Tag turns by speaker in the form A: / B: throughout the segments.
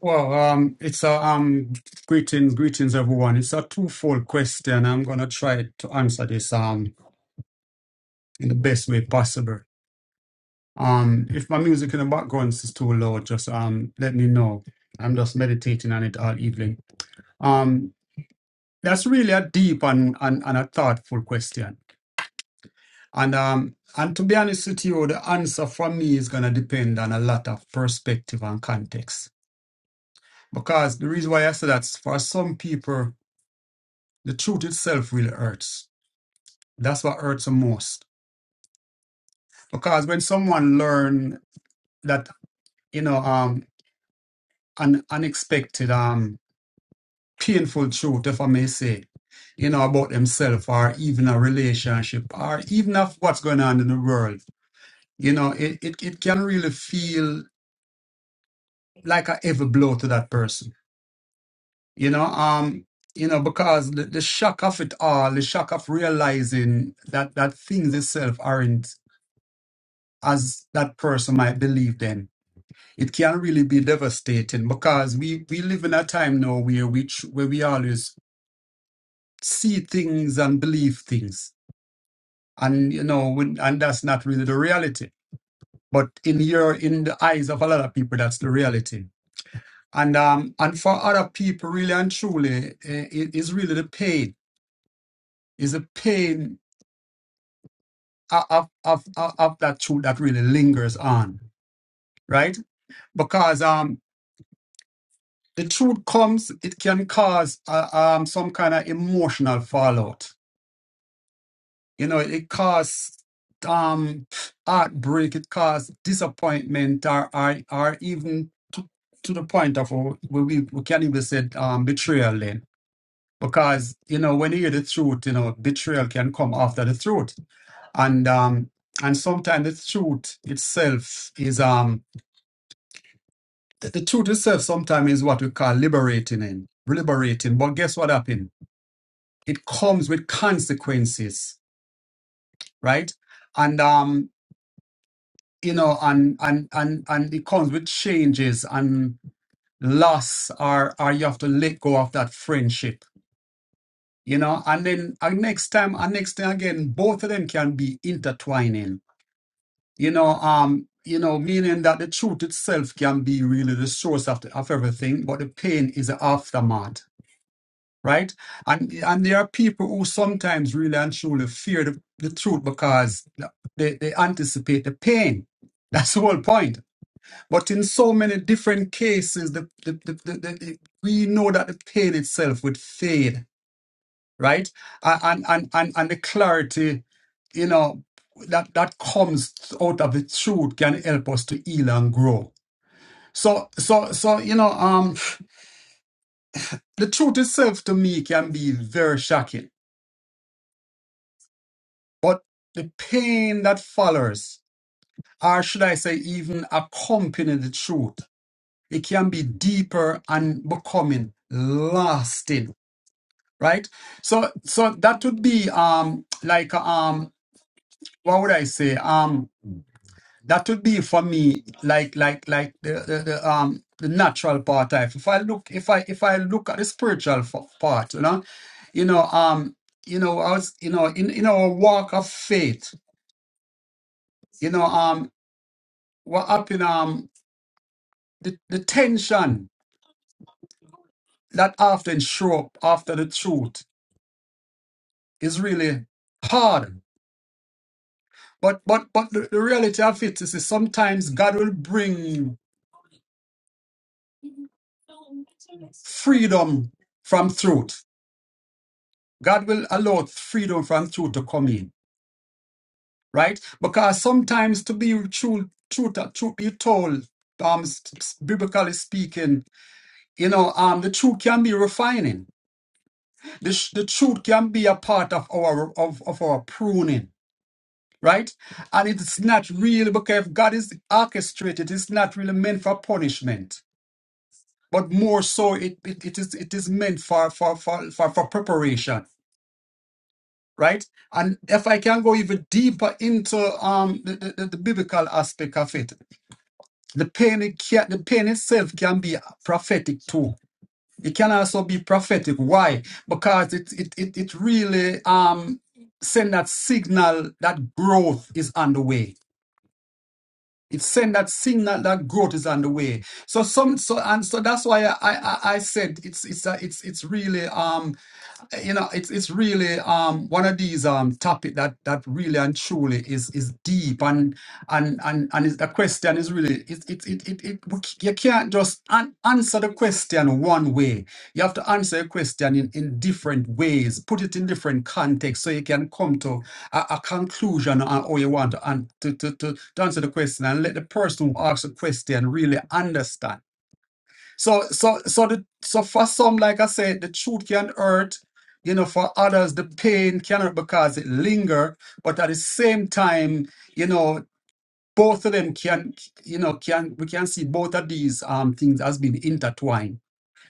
A: Well, um, it's a um, greetings, greetings, everyone. It's a twofold question. I'm gonna try to answer this um in the best way possible. Um, if my music in the background is too loud, just um let me know. I'm just meditating on it all evening. Um, that's really a deep and and, and a thoughtful question. And um and to be honest with you, the answer for me is gonna depend on a lot of perspective and context. Because the reason why I say that's for some people. the truth itself really hurts. That's what hurts the most. Because when someone learn that, you know, um, an unexpected, um, painful truth, if I may say, you know, about themselves or even a relationship or even of what's going on in the world, you know, it, it, it can really feel like a heavy blow to that person, you know, um, you know, because the, the shock of it all, the shock of realizing that, that things itself aren't as that person might believe then it can really be devastating because we we live in a time now where we tr- where we always see things and believe things and you know when, and that's not really the reality but in your in the eyes of a lot of people that's the reality and um and for other people really and truly eh, it is really the pain is the pain of of of, of of that truth that really lingers on right because um the truth comes, it can cause uh, um some kind of emotional fallout. You know, it, it causes um heartbreak, it causes disappointment, or, or or even to, to the point of uh, we we we can even say um betrayal. Then, because you know when you hear the truth, you know betrayal can come after the truth, and um and sometimes the truth itself is um the, the truth itself sometimes is what we call liberating in liberating. But guess what happened? it comes with consequences, right? And um, you know, and and and and it comes with changes and loss, or or you have to let go of that friendship, you know. And then and next time, and next time again, both of them can be intertwining, you know. Um, you know, meaning that the truth itself can be really the source of the, of everything, but the pain is the aftermath right? And and there are people who sometimes really and truly fear the, the truth because they, they anticipate the pain. That's the whole point. But in so many different cases, the, the, the, the, the, the- we know that the pain itself would fade, right? A- And and and and the clarity, you know, that that comes out of the truth can help us to heal and grow. So so so you know, um, the truth itself to me can be very shocking But the pain that follows, or should I say, even accompany the truth, it can be deeper and becoming lasting, right? So, so that would be um like um what would I say um that would be for me like like like the the, the um the natural part of it. if I look if I if I look at the spiritual f- part, you know, you know um you know I was you know in in our walk of faith. You know, um. were up in um the, the tension that often show up after the truth is really hard. But but but the, the reality of it is, is sometimes God will bring freedom from truth. God will allow freedom from truth to come in, right? Because sometimes to be true, truth, truth be told, um, s- s- biblically speaking, you know, um, the truth can be refining. The, sh- the truth can be a part of our of, of our pruning right? And it's not really because if God is orchestrated, it's not really meant for punishment, but more so it, it, it is it is meant for for, for for for preparation, right? And if I can go even deeper into um the, the, the the biblical aspect of it, the pain it can, the pain itself can be prophetic too. It can also be prophetic. Why? Because it it it, it really um send that signal that growth is underway It's saying that signal that, growth is underway. So some so and so that's why I I, I I said it's it's a, it's it's really um you know, it's it's really um one of these um topic that that really and truly is is deep and and and and is the question is really it it it it, it we c- you can't just an, answer the question one way. You have to answer a question in in different ways, put it in different contexts, so you can come to a, a conclusion on how you want to, an, to, to to to answer the question and let the person who asks the question really understand. So so so the so for some, like I said, the truth can hurt. You know, for others, the pain can hurt because it linger. But at the same time, you know, both of them can, you know, can we can see both of these um things as being intertwined,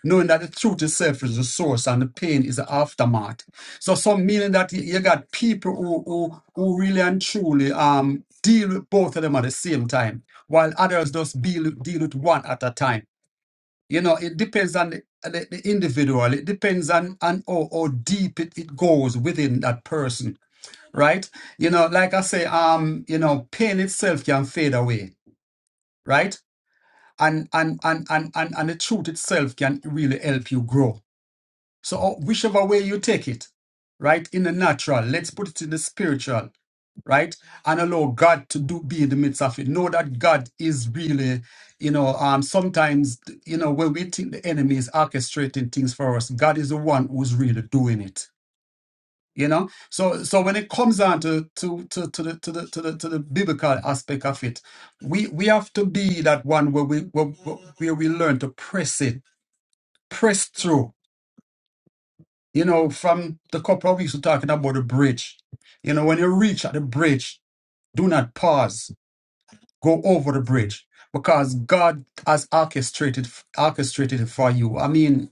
A: knowing that the truth itself is the source and the pain is the aftermath. So some meaning that you you got people who who who really and truly um deal with both of them at the same time, while others just deal deal with one at a time. You know, it depends on the, the, the individual. It depends on, on how, how deep it, it goes within that person, right? You know, like I say, um, you know, pain itself can fade away, right? And and and and and, and the truth itself can really help you grow so uh, whichever way you take it, right? In the natural, let's put it in the spiritual, right? And allow God to do be in the midst of it. Know that God is really, you know, um, sometimes you know, when we think the enemy is orchestrating things for us, God is the one who's really doing it. You know? So so when it comes down to to to, to the to the to the to the biblical aspect of it, we we have to be that one where we where, where we learn to press it, press through you know, from the couple of weeks we're talking about the bridge. You know, when you reach at the bridge, do not pause. Go over the bridge because God has orchestrated orchestrated it for you. I mean,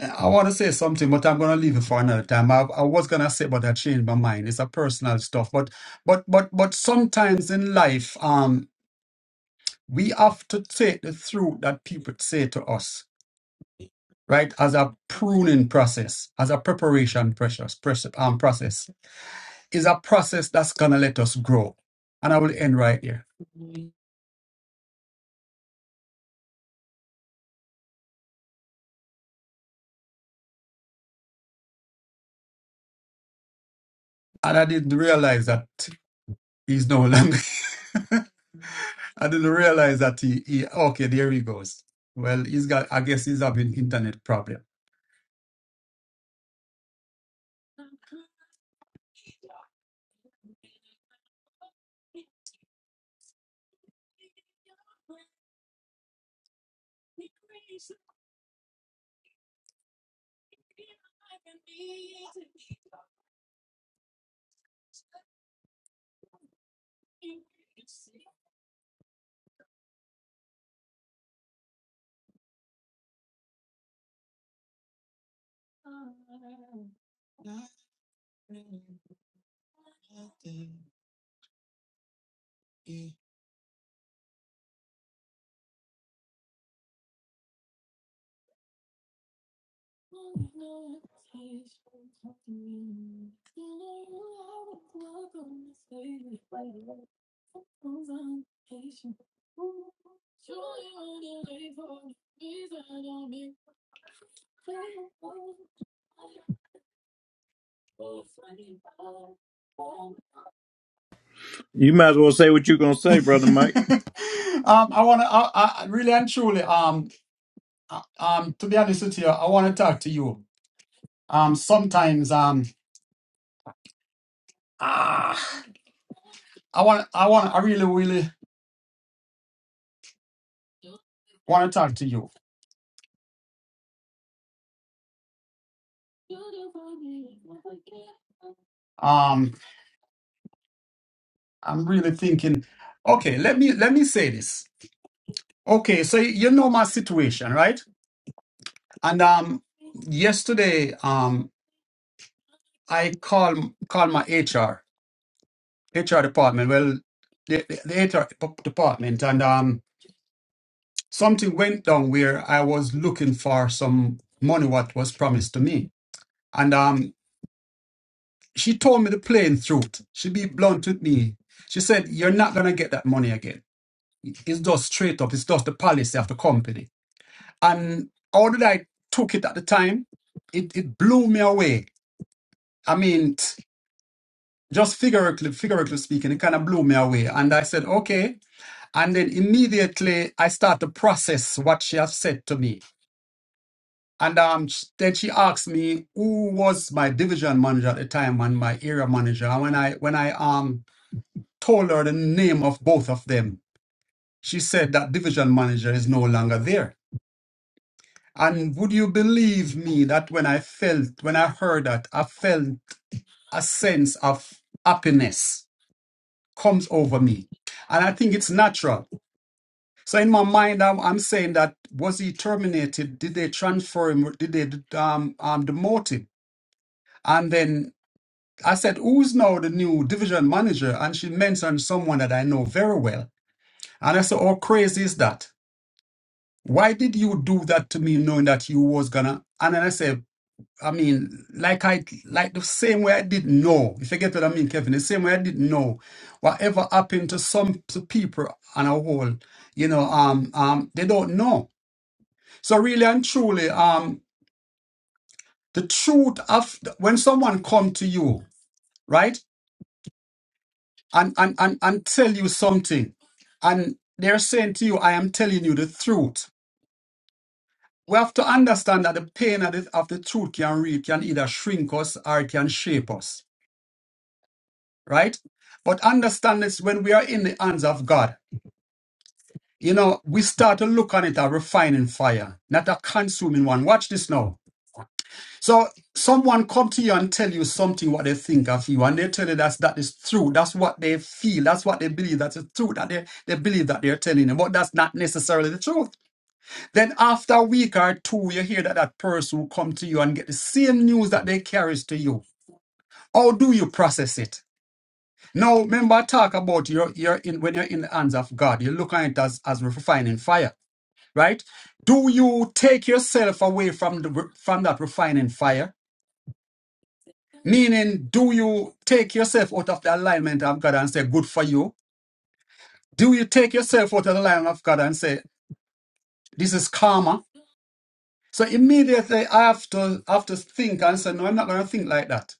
A: I want to say something, but I'm going to leave it for another time. I, I was going to say, but I changed my mind. It's a personal stuff, but but but but sometimes in life, um, we have to take the through that people say to us, right, as a pruning process, as a preparation precious, press- um, process is a process that's gonna let us grow. And I will end right here. And I didn't realize that he's no longer. I didn't realize that he, he. Okay, there he goes. Well, he's got. I guess he's having internet problem.
B: You might as well say what you're going to say, Brother Mike.
A: um, I wanna. I, I really and truly. Um, uh, um, to be honest with you, I wanna talk to you. Um, sometimes. Um, ah, I want. I want. I really, really want to talk to you. Um. I'm really thinking, okay, let me let me say this. Okay, so you know my situation, right? And um yesterday um I called called my HR, HR department, well the, the, the HR dep- department and um something went down where I was looking for some money what was promised to me. And um she told me the plain truth. She be blunt with me. She said, You're not gonna get that money again. It's just straight up, it's just the policy of the company. And although I took it at the time, it, it blew me away. I mean, t- just figuratively, figuratively speaking, it kind of blew me away. And I said, okay. And then immediately I start to process what she has said to me. And um, sh- then she asked me who was my division manager at the time and my area manager. And when I when I um told her the name of both of them, she said that division manager is no longer there. And would you believe me that when I felt, when I heard that, I felt a sense of happiness comes over me. And I think it's natural. So in my mind, I'm, I'm saying that was he terminated? Did they transfer him? Did they um, um, demote him? And then I said, who's now the new division manager? And she mentioned someone that I know very well. And I said, how crazy is that? Why did you do that to me knowing that you was gonna? And then I said, I mean, like I like the same way I didn't know. If you get what I mean, Kevin, the same way I didn't know whatever happened to some to people on a whole, you know, um, um, they don't know. So really and truly, um, the truth of when someone come to you, right, and and and, and tell you something, and they're saying to you, I am telling you the truth. We have to understand that the pain of the, of the truth can read, can either shrink us or it can shape us right? But understand this when we are in the hands of God, you know, we start to look on it a refining fire, not a consuming one. Watch this now. So someone come to you and tell you something what they think of you, and they tell you that's that is true. That's what they feel. That's what they believe. That's the truth that they, they believe that they're telling you, but that's not necessarily the truth. Then after a week or two, you hear that that person will come to you and get the same news that they carries to you. How do you process it? Now, remember, I talk about your your in when you're in the hands of God, you look at it as as refining fire, right? Do you take yourself away from the re- from that refining fire? Meaning, do you take yourself out of the alignment of God and say, "Good for you"? Do you take yourself out of the alignment of God and say, "This is karma"? So immediately, I have to have to think and say, "No, I'm not going to think like that."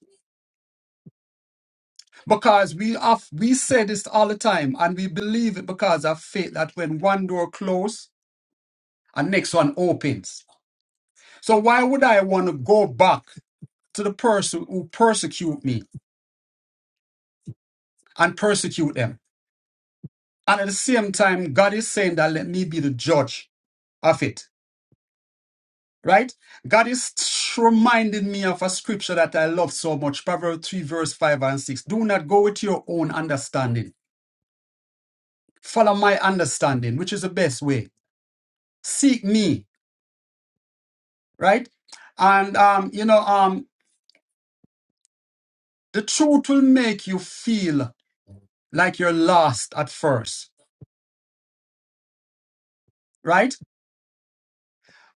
A: Because we have we say this all the time, and we believe it because of faith that when one door closed and next one opens. So why would I want to go back to the person who persecute me and persecute them? And at the same time, God is saying that let me be the judge of it, right? God is reminding me of a scripture that I love so much, Proverbs 3 verse 5 and 6. Do not go with your own understanding. Follow my understanding, which is the best way. Seek me, right? And, um, you know, um, the truth will make you feel like you're lost at first right?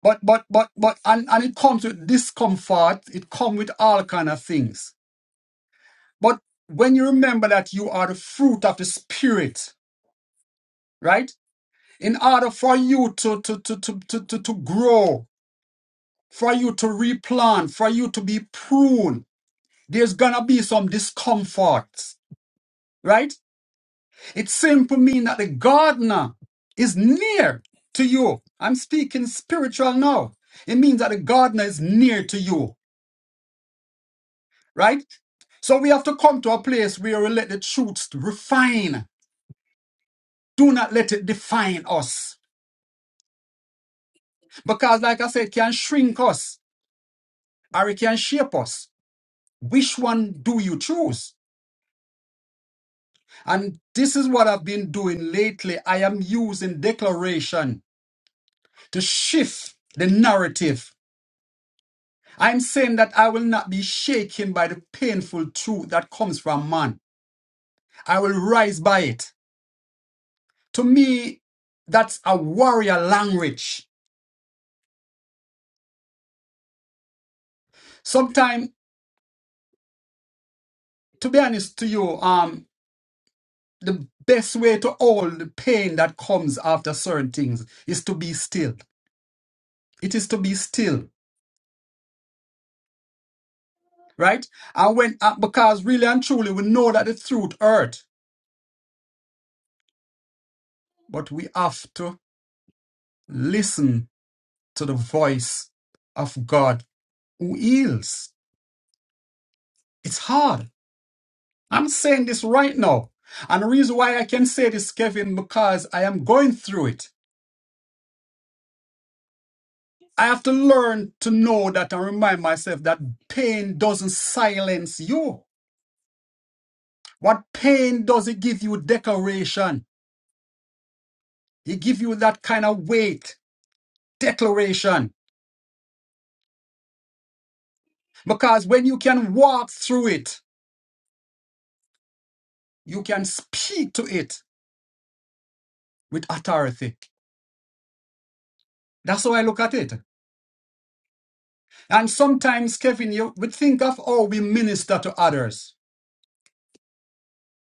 A: But but but but and, and it comes with discomfort, it comes with all kind of things. But when you remember that you are the fruit of the spirit, right? In order for you to to to to to, to, to grow, for you to replant, for you to be pruned, there's gonna be some discomforts, right? It simply means that the gardener is near to you. I'm speaking spiritual now. It means that the gardener is near to you right? So we have to come to a place where we let the truth refine. Do not let it define us. Because, like I said, it can shrink us or it can shape us. Which one do you choose? And this is what I've been doing lately. I am using declaration to shift the narrative. I'm saying that I will not be shaken by the painful truth that comes from man. I will rise by it. To me, that's a warrior language. Sometimes to be honest to you, um, the best way to hold the pain that comes after certain things is to be still. It is to be still, right? And when uh, because really and truly we know that the truth hurt, but we have to listen to the voice of God who heals. It's hard. I'm saying this right now. And the reason why I can say this, Kevin, because I am going through it. I have to learn to know that and remind myself that pain doesn't silence you. What pain does it give you Declaration. It give you that kind of weight, declaration. Because when you can walk through it, you can speak to it with authority. That's how I look at it. And sometimes, Kevin, you would think of how we minister to others.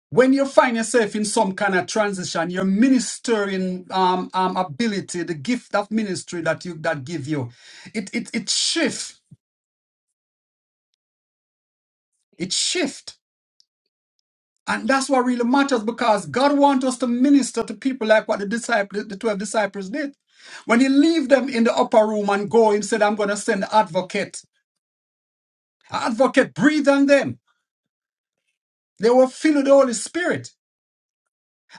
A: when you find yourself in some kind of transition, your ministering um, um, ability, the gift of ministry that you that give you, it it it shift, it shift, and that's what really matters because God wants us to minister to people like what the disciple, the twelve disciples did. When He leave them in the upper room and go, He said, "I'm going to send the advocate." Advocate breathe on them. They were filled with the Holy Spirit.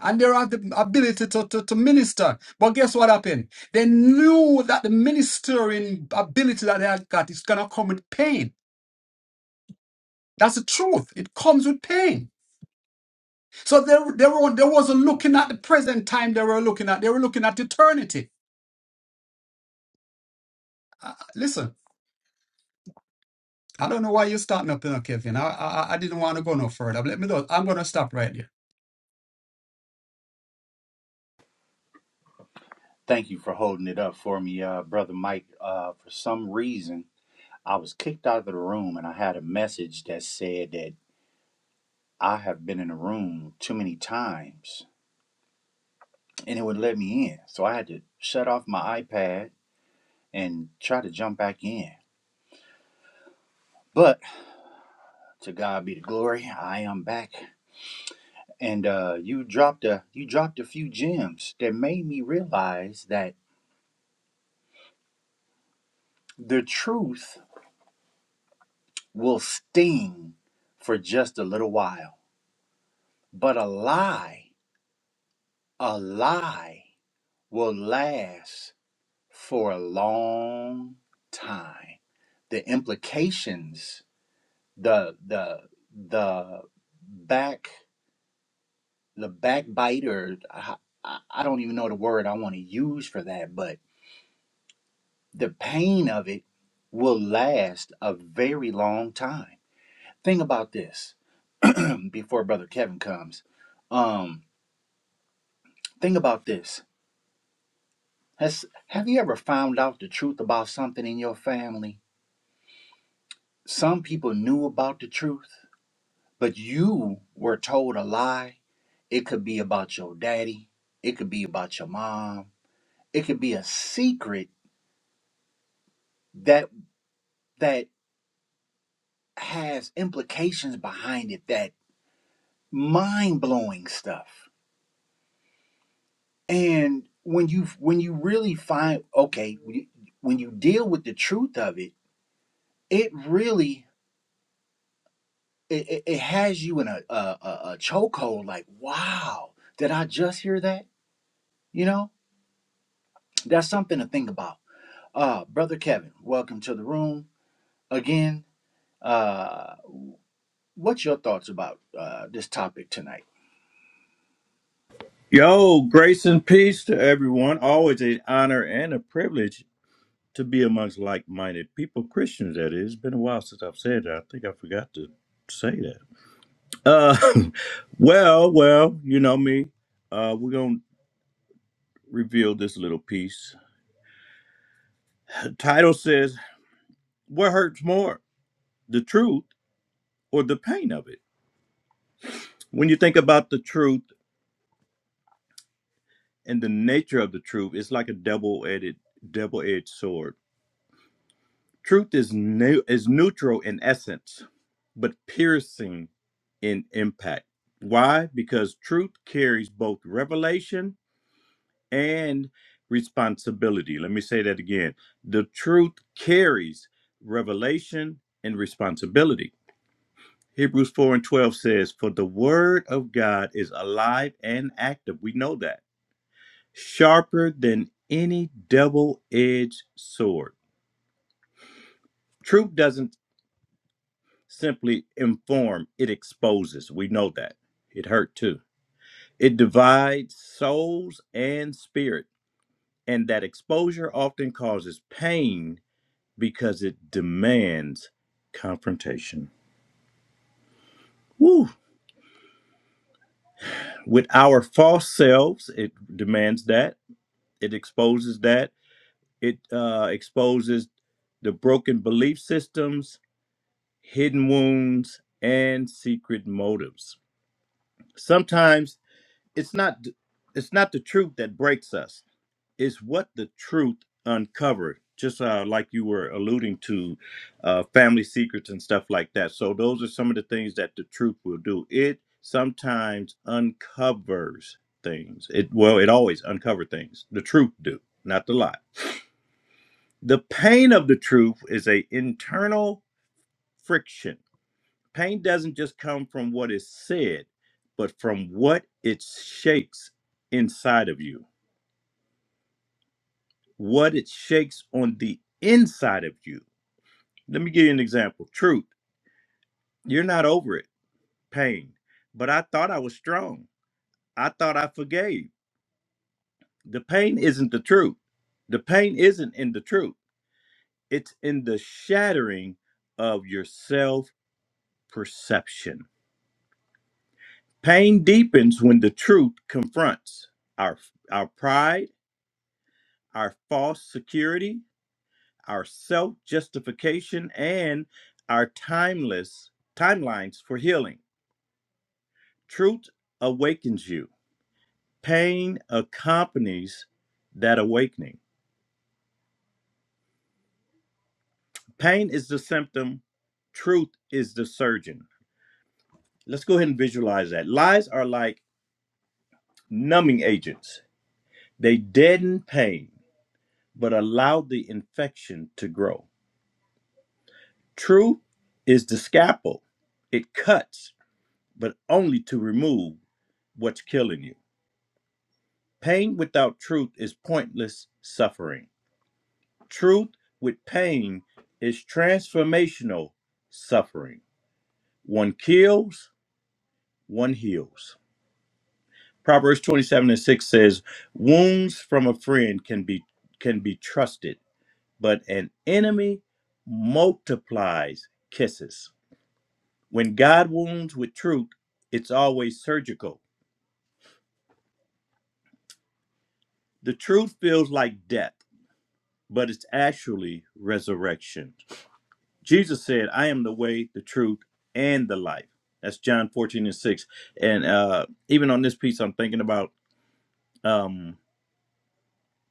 A: and they have the ability to, to, to minister. But guess what happened? They knew that the ministering ability that they had got is going to come with pain. That's the truth. It comes with pain. So they, they, were, they wasn't looking at the present time they were looking at. They were looking at eternity. Uh, listen. I don't know why you're starting up, you know, Kevin. I, I I didn't want to go no further. But let me know. I'm gonna stop right there.
B: Yo, grace and peace to everyone. Always an honor and a privilege to be amongst like minded people, Christians, that is. It's been a while since I've said that. I think I forgot to say that. Uh, well, well, you know me. Uh, we're going to reveal this little piece. The title says, What hurts more, the truth or the pain of it? When you think about the truth and the nature of the truth, it's like a double edged double edged sword Truth is new is neutral in essence, but piercing in impact. Why? Because truth carries both revelation and responsibility. Let me say that again. The truth carries revelation and responsibility. Hebrews 4 and 12 says, For the word of God is alive and active. We know that. Sharper than any double edged sword. Truth doesn't simply inform, it exposes. We know that. It hurt too. It divides souls and spirit, and that exposure often causes pain because it demands confrontation. Woo. With our false selves, it demands that. It exposes that. It uh, exposes the broken belief systems, hidden wounds, and secret motives. Sometimes it's not it's not the truth that breaks us it's what the truth uncovered just uh, like you were alluding to uh, family secrets and stuff like that so those are some of the things that the truth will do it sometimes uncovers things it well it always uncovers things the truth do not the lie the pain of the truth is a internal friction pain doesn't just come from what is said but from what it shakes inside of you what it shakes on the inside of you. Let me give you an example. Truth, you're not over it, pain. But I thought I was strong. I thought I forgave. The pain isn't the truth. The pain isn't in the truth, it's in the shattering of your self perception. Pain deepens when the truth confronts our, our pride, our false security, our self justification, and our timeless timelines for healing. Truth awakens you, pain accompanies that awakening. Pain is the symptom, truth is the surgeon. Let's go ahead and visualize that. Lies are like numbing agents, they deaden pain but allow the infection to grow. Truth is the scalpel, it cuts, but only to remove what's killing you. Pain without truth is pointless suffering. Truth with pain is transformational suffering. One kills, one heals. Proverbs 27 and 6 says, Wounds from a friend can be can be trusted, but an enemy multiplies kisses. When God wounds with truth, it's always surgical. The truth feels like death, but it's actually resurrection. Jesus said, I am the way, the truth, and the life. That's John 14 and 6. And uh, even on this piece, I'm thinking about um,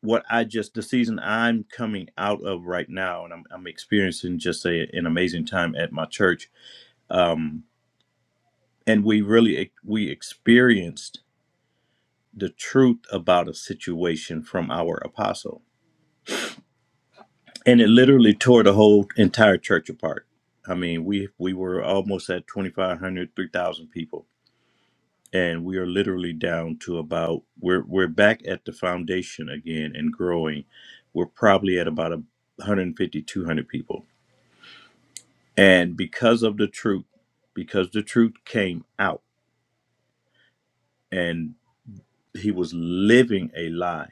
B: what I just, the season I'm coming out of right now. And I'm, I'm experiencing just a, an amazing time at my church. Um, and we really, e, we experienced the truth about a situation from our apostle. And it literally tore the whole entire church apart. I mean, we we were almost at 2,500, 3,000 people and we are literally down to about we're we're back at the foundation again and growing. We're probably at about a 150 200 people. And because of the truth, because the truth came out and he was living a lie,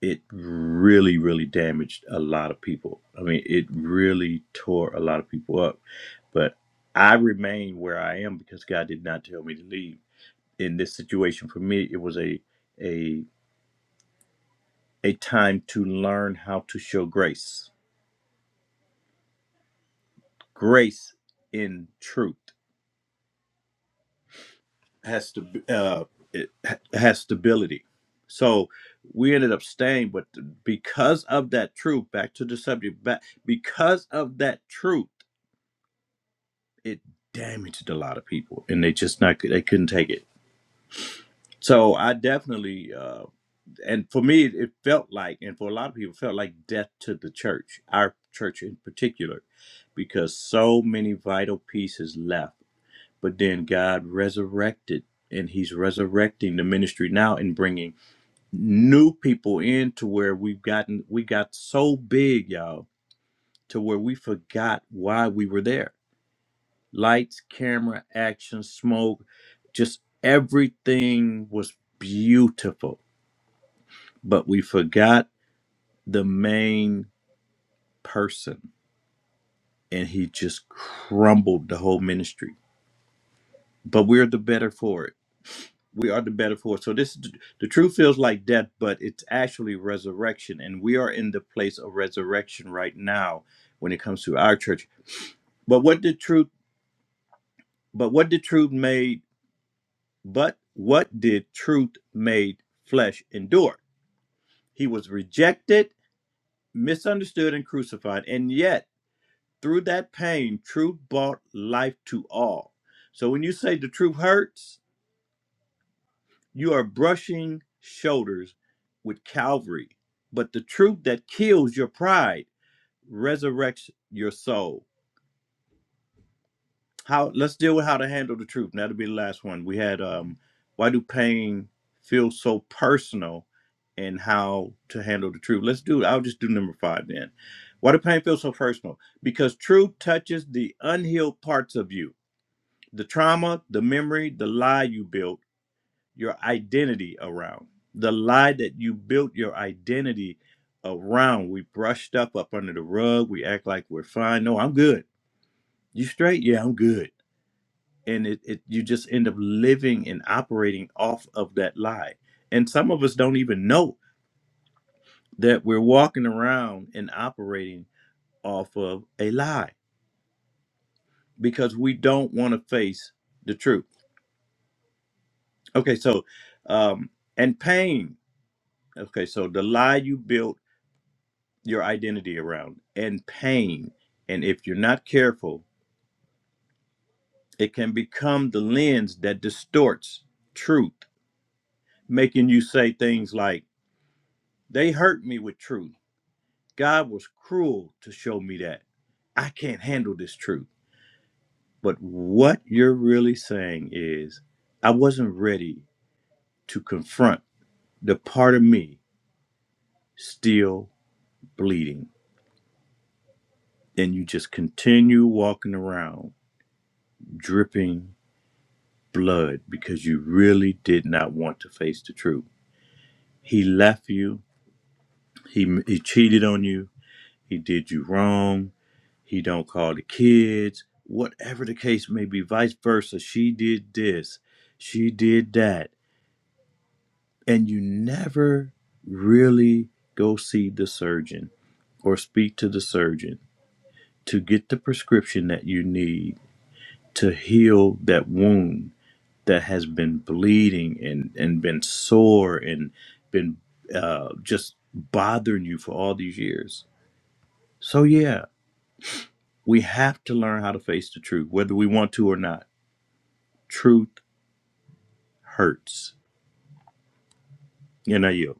B: it really really damaged a lot of people. I mean, it really tore a lot of people up. But I remain where I am because God did not tell me to leave. In this situation for me, it was a a a time to learn how to show grace. Grace in truth has to uh, it has stability. So we ended up staying, but because of that truth, back to the subject, back because of that truth, it damaged a lot of people, and they just not they couldn't take it. So I definitely. uh, and for me it felt like and for a lot of people it felt like death to the church our church in particular because so many vital pieces left but then god resurrected and he's resurrecting the ministry now and bringing new people in to where we've gotten we got so big y'all to where we forgot why we were there lights camera action smoke just everything was beautiful but we forgot the main person and he just crumbled the whole ministry but we're the better for it we are the better for it so this the truth feels like death but it's actually resurrection and we are in the place of resurrection right now when it comes to our church but what did truth but what did truth made but what did truth made flesh endure he was rejected misunderstood and crucified and yet Through that pain, truth brought life to all. So when you say the truth hurts, you are brushing shoulders with Calvary. But the truth that kills your pride resurrects your soul. How let's deal with how to handle the truth. And that'll be the last one. We had um why do pain feel so personal and how to handle the truth. Let's do I'll just do number five then. Why do pain feel so personal? Because truth touches the unhealed parts of you the trauma, the memory, the lie you built your identity around, the lie that you built your identity around. We brush stuff up under the rug. We act like we're fine. No, I'm good. You straight? Yeah, I'm good. And it, it you just end up living and operating off of that lie. And some of us don't even know that we're walking around and operating off of a lie because we don't want to face the truth. Okay, so um and pain. Okay, so the lie you built your identity around and pain. And if you're not careful, it can become the lens that distorts truth, making you say things like, They hurt me with truth. God was cruel to show me that. I can't handle this truth. But what you're really saying is, I wasn't ready to confront the part of me still bleeding. And you just continue walking around dripping blood because you really did not want to face the truth. He left you. He, he cheated on you. He did you wrong. He don't call the kids. Whatever the case may be, vice versa. She did this. She did that. And you never really go see the surgeon or speak to the surgeon to get the prescription that you need to heal that wound that has been bleeding and and been sore and been uh, just bothering you for all these years. So yeah, we have to learn how to face the truth, whether we want to or not. Truth hurts. You know you.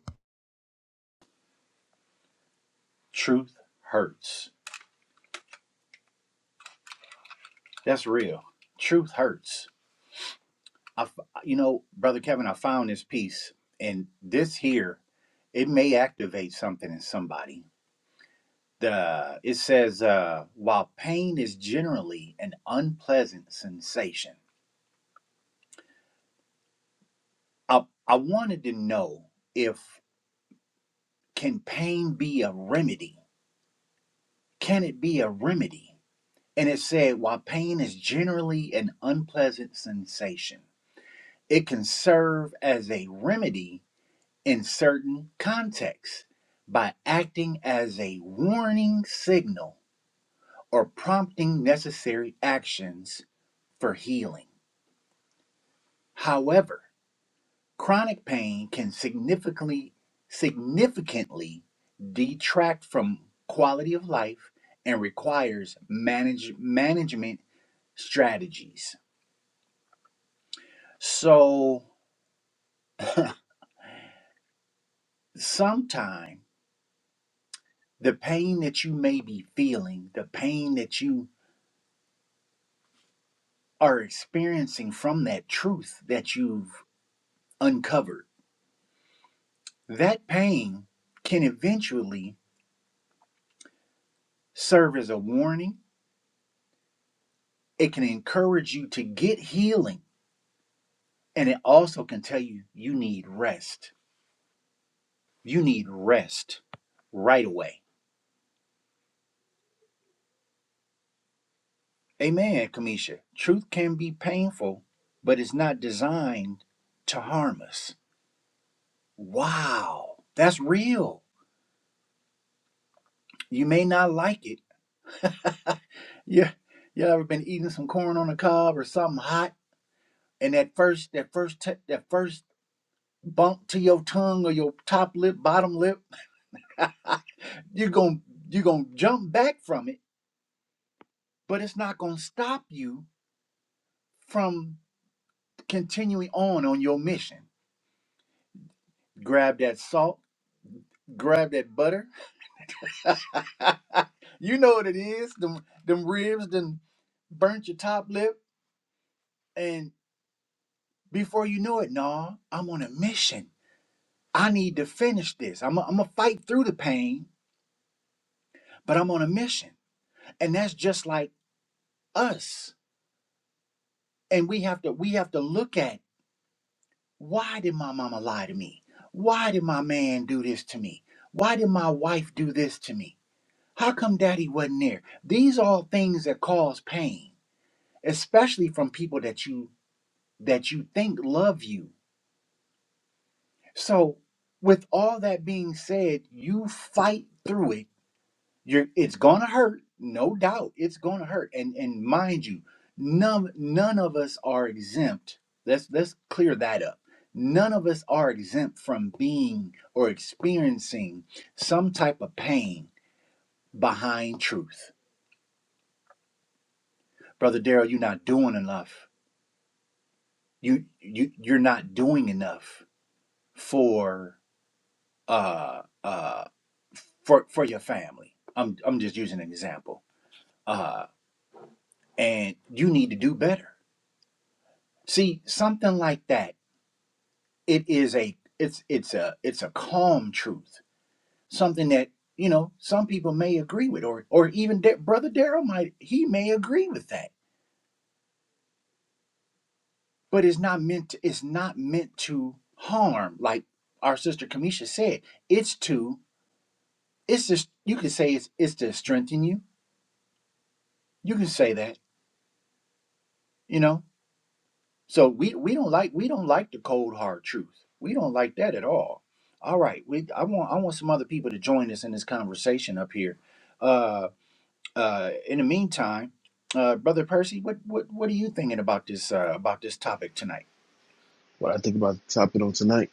C: what I think about the topic on tonight.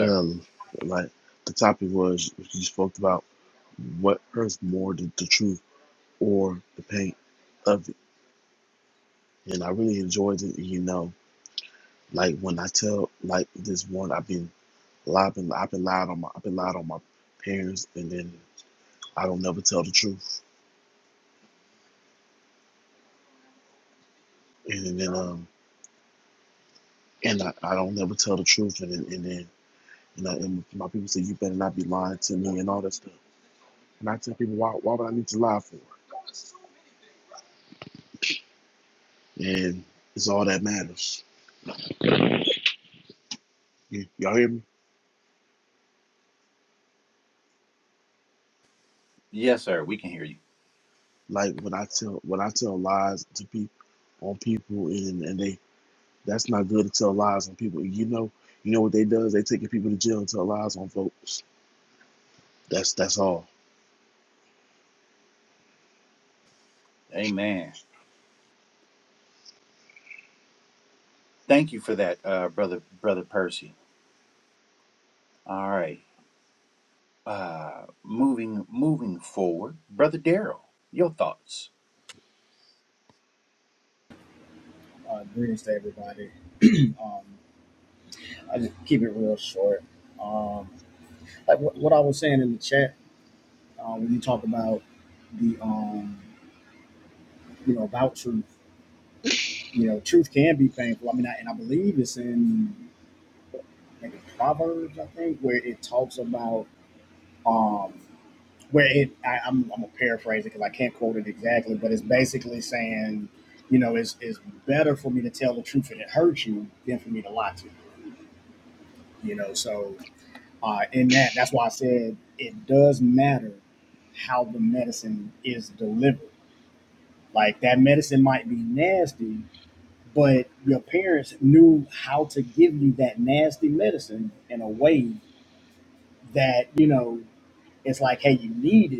C: Um, like the topic was you spoke about what hurts more, the, the truth or the pain of it, and I really enjoyed it. You know, like when I tell like this one, I've been lied, been, I've been lied on my, I've been lied on my parents, and then I don't never tell the truth, and then um, and I, I don't never tell the truth, and then and then. And, I, and my people say you better not be lying to me and all that stuff. And I tell people, why, why would I need to lie for? and it's all that matters. You, y'all hear me? Like when I tell when I tell lies to people on people, and and they that's not good to tell lies on people. You know, you know what they does? They taking people to jail and tell lies on folks. That's that's all.
D: Uh, greetings to everybody. Um, I just keep it real short. Um, like what, what I was saying in the chat uh, when you talk about the um, you know about truth, you know, truth can be painful. I mean, I, and I believe it's in like Proverbs, I think, where it talks about um, where it. I, I'm, I'm gonna paraphrase it because I can't quote it exactly, but it's basically saying, you know, it's it's better for me to tell the truth and it hurts you than for me to lie to you. You know, so uh, in that. That's why I said it does matter how the medicine is delivered. Like that medicine might be nasty, but your parents knew how to give you that nasty medicine in a way that, you know, it's like, hey, you need it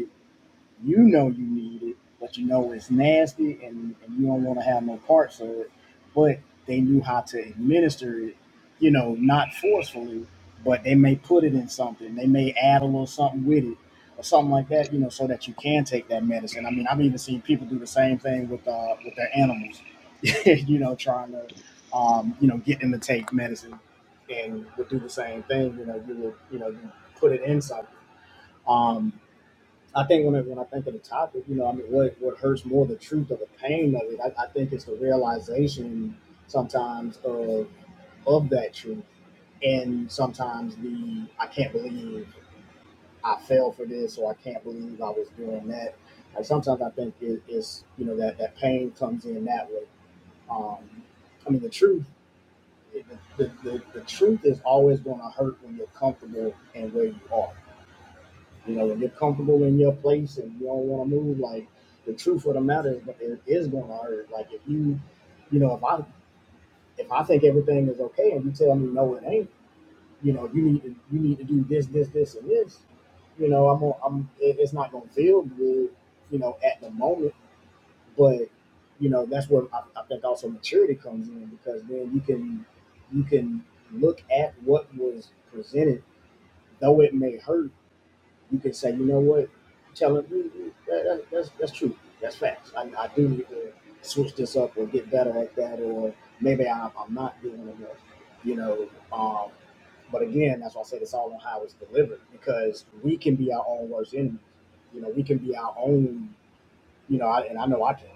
D: you know you need it, but you know it's nasty and, and you don't want to have no parts of it. But they knew how to administer it, you know, not forcefully, but they may put it in something. They may add a little something with it or something like that, you know, so that you can take that medicine. I mean, I've even seen people do the same thing with uh with their animals, you know, trying to um, you know, get them to take medicine and would do the same thing, you know, you would, you know, you put it in something. Um, I think when I, when I think of the topic, you know, I mean, what what hurts more, the truth or the pain of it? I, I think it's the realization sometimes of of that truth, and sometimes the I can't believe I fell for this, or I can't believe I was doing that. Like sometimes I think it, it's you know that that pain comes in that way. Um, I mean, the truth, the, the, the, the truth is always going to hurt when you're comfortable and where you are you know, if you're comfortable in your place and you don't want to move, like the truth of the matter is, it is going to hurt. Like if you, you know, if I if I think everything is okay and you tell me no, it ain't. You know, you need to you need to do this, this, this, and this. You know, I'm gonna- I'm it- it's not going to feel good. You know, at the moment, but you know that's where I, I think also maturity comes in because then you can you can look at what was presented, though it may hurt you can say, you know what, tell them "Mm, mm, that, that, that's that's true, that's facts. I, I do need to switch this up or get better at that, or maybe I, I'm not doing enough, you know. Um, but again, that's why I said it's all on how it's delivered because we can be our own worst enemy. You know, we can be our own you know, I, and I know I can,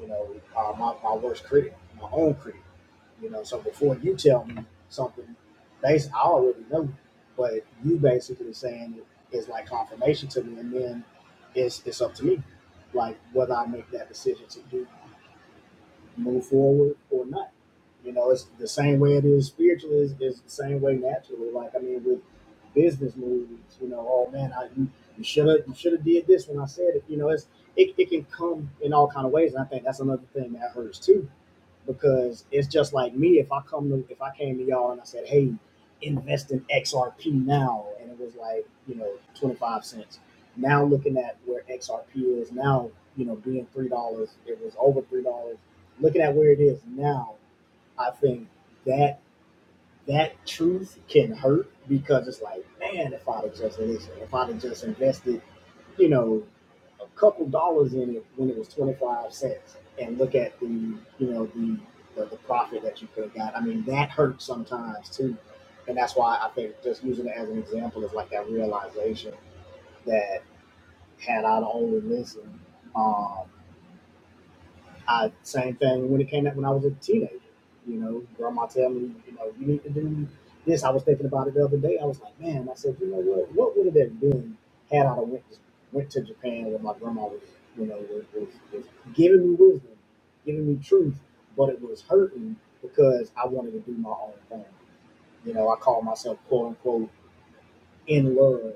D: you know, uh, my, my worst critic, my own critic, you know. So before you tell me something, based, I already know, but you basically saying it is like confirmation to me, and then it's it's up to me, like whether I make that decision to do move forward or not. You know, it's the same way it is spiritually, is is the same way naturally. Like I mean, with business moves, you know, oh man, I you, you should have you should have did this when I said it. You know, it's it, it can come in all kind of ways, and I think that's another thing that hurts too because it's just like me. If I come to if I came to y'all and I said, "Hey, invest in XRP now," and it was like you know twenty five cents. Now looking at where XRP is now, you know, being three dollars, it was over three dollars. Looking at where it is now, I think that that truth can hurt because it's like, man, if I'd have just listened, if I'd have just invested, you know, a couple dollars in it when it was 25 cents and look at the, you know, the, the, the profit that you could have got. I mean, that hurts sometimes too. And that's why I think just using it as an example is like that realization that had I only listened, um, I same thing when it came out when I was a teenager. You know, grandma tell me, you know, you need to do this. I was thinking about it the other day. I was like, man, I said, you know what? What would it have been had I went to, went to Japan when my grandma was, you know, was, was, was giving me wisdom, giving me truth, but it was hurting because I wanted to do my own thing. You know, I call myself quote unquote in love,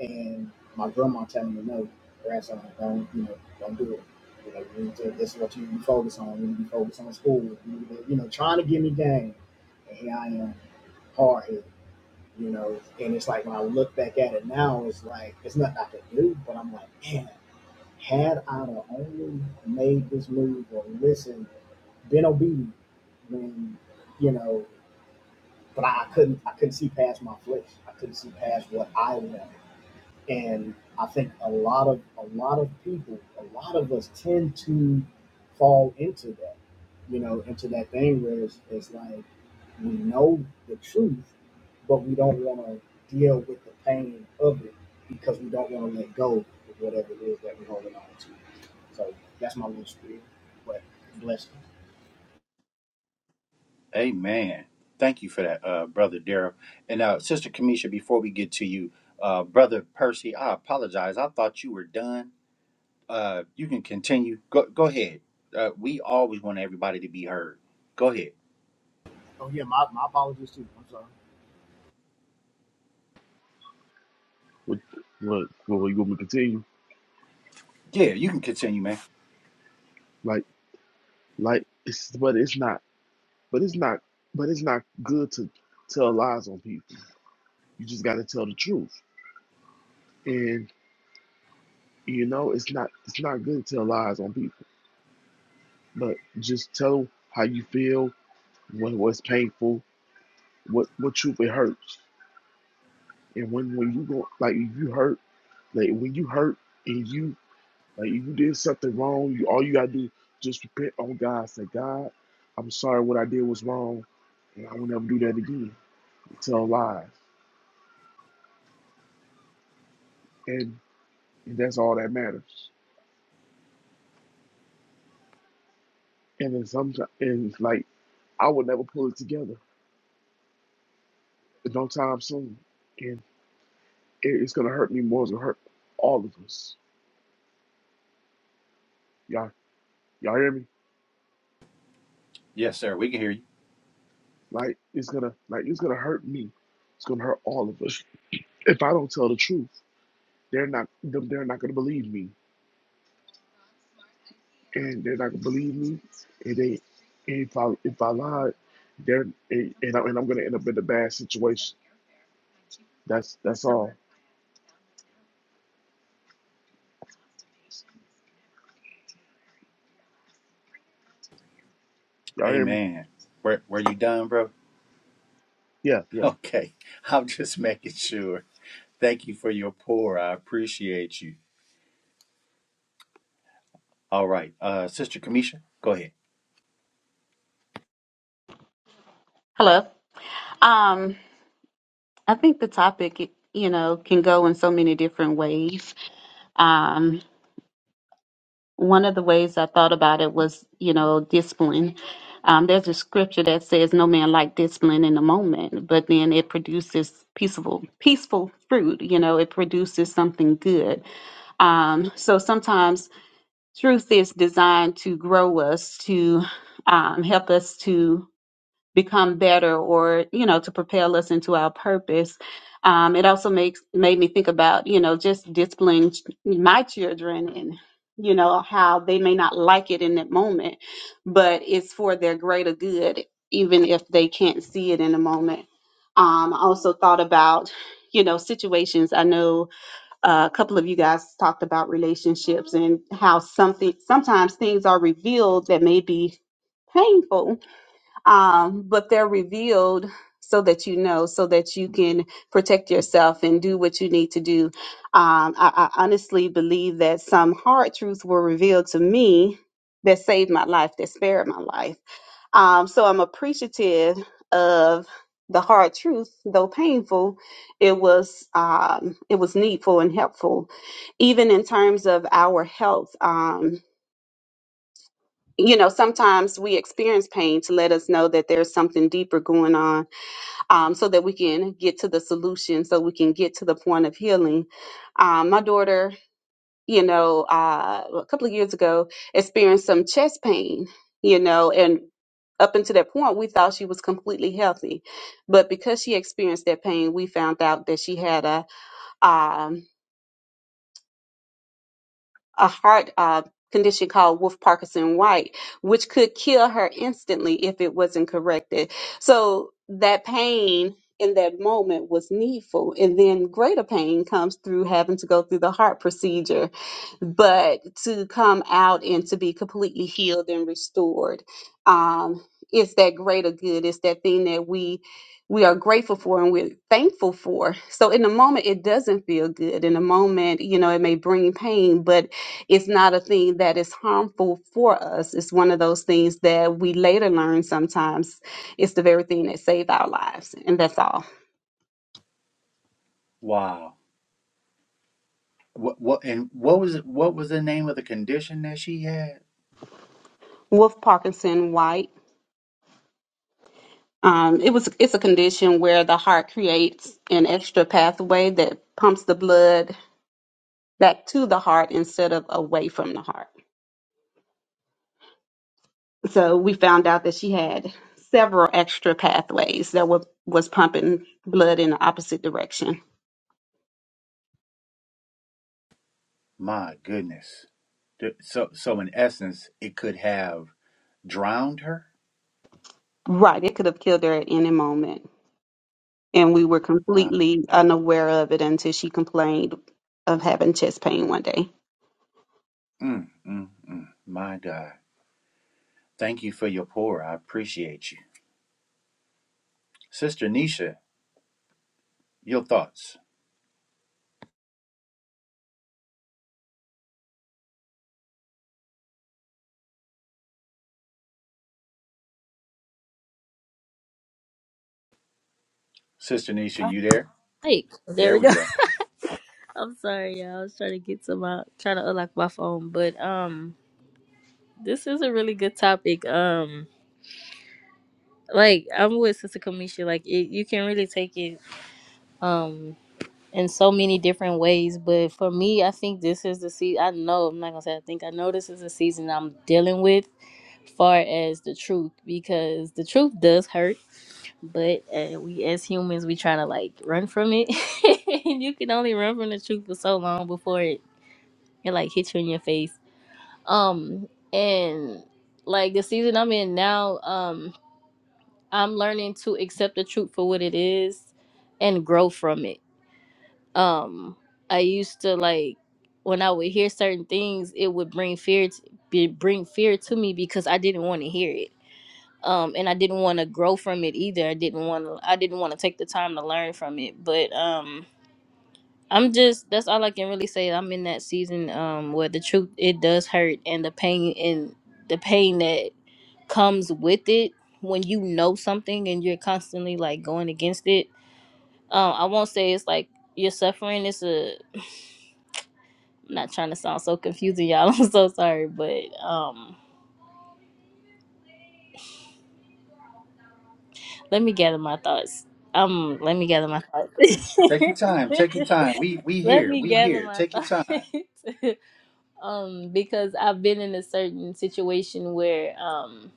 D: and my grandma telling me no, grandson, don't you know, don't do it. You know, you need to, this is what you need to be on. You need to focus on school. You need to, you know, trying to give me game, and here I am, hard headed. You know, and it's like when I look back at it now, it's like it's nothing I can do, but I'm like, man, had I have only made this move or listened, been obedient when you know, but I couldn't I couldn't see past my flesh. I couldn't see past what I wanted. And I think a lot of a lot of people, a lot of us tend to fall into that, you know, into that thing where it's, it's like we know the truth, but we don't want to deal with the pain of it because we don't want to let go of whatever it is that we're holding on to. So that's my little spiel, but bless you. Oh yeah, my, my apologies too. I'm
C: What what what you want me to continue? Like like it's but it's not but it's not but it's not good to tell lies on people. You just got to tell the truth, and you know it's not it's not good to tell lies on people. But just tell 'em how you feel when what's painful, what what truly hurts, and when when you go like if you hurt, like when you hurt and you like if you did something wrong, you all you gotta do is just repent on God, say God, I'm sorry what I did was wrong, and I will never do that again. Tell lies, and and that's all that matters. And then sometimes and like I will never pull it together, no time soon, and it, it's gonna hurt me more. It's gonna hurt all of us. Y'all, y'all hear me? Like it's gonna like it's gonna hurt me. It's gonna hurt all of us. If I don't tell the truth, they're not them- they're not gonna believe me, and they're not gonna believe me. And they if I if I lied, they're and, and, I, and I'm gonna end up in a bad situation. That's that's all. Y'all hear me? Yeah, yeah.
E: Hello. Um, I think the topic, you know, can go in so many different ways. Um, one of the ways I thought about it was, you know, discipline. Um, there's a scripture that says, "No man like discipline in the moment," but then it produces peaceful, peaceful fruit. You know, it produces something good. Um, so sometimes truth is designed to grow us, to um, help us to become better or you know to propel us into our purpose um, it also makes made me think about you know just disciplining ch- my children and you know how they may not like it in that moment but it's for their greater good even if they can't see it in the moment um, i also thought about you know situations i know uh, a couple of you guys talked about relationships and how something sometimes things are revealed that may be painful um, but they're revealed so that you know, so that you can protect yourself and do what you need to do. Um, I, I honestly believe that some hard truths were revealed to me that saved my life, that spared my life. Um, so I'm appreciative of the hard truth, though painful, it was um, it was needful and helpful, even in terms of our health. Um, you know, sometimes we experience pain to let us know that there's something deeper going on um, so that we can get to the solution, so we can get to the point of healing. Um, my daughter, you know, uh, a couple of years ago experienced some chest pain, you know, and up until that point, we thought she was completely healthy. But because she experienced that pain, we found out that she had a, um, a heart uh, condition called Wolff Parkinson White, which could kill her instantly if it wasn't corrected. So that pain in that moment was needful. And then greater pain comes through having to go through the heart procedure. But to come out and to be completely healed and restored, um, it's that greater good. It's that thing that we we are grateful for and we're thankful for. So in the moment, it doesn't feel good. In the moment, you know, it may bring pain, but it's not a thing that is harmful for us. It's one of those things that we later learn sometimes it's the very thing that saved our lives. And that's all. Wolf Parkinson White. Um, it was it's a condition where the heart creates an extra pathway that pumps the blood back to the heart instead of away from the heart. So we found out that she had several extra pathways that were was pumping blood in the opposite direction. Right, it could have killed her at any moment. and we were completely unaware of it until she complained of having chest pain one day.
F: Like, there we go. I'm sorry, y'all. I was trying to get to my trying to unlock my phone, but um, this is a really good topic. Um, like I'm with Sister Kamisha. Like, it, you can really take it um in so many different ways. But for me, I think this is the season. I know I'm not gonna say I think I know this is the season I'm dealing with, far as the truth, because the truth does hurt. But uh, we as humans, we trying to like run from it, and you can only run from the truth for so long before it It like hits you in your face. Um, and like the season I'm in now, um, I'm learning to accept the truth for what it is and grow from it. Um, I used to like when I would hear certain things, it would bring fear to, be, bring fear to me because I didn't want to hear it. Um, and I didn't want to grow from it either. I didn't want to. I didn't want to take the time to learn from it. But um, I'm just that's all I can really say. I'm in that season um where the truth it does hurt and the pain and the pain that comes with it when you know something and you're constantly like going against it. Um I won't say it's like you're suffering. It's a I'm not trying to sound so confusing, y'all. I'm so sorry, but um let me gather my thoughts. Um let me gather my thoughts. let me gather my thoughts. um because I've been in a certain situation where um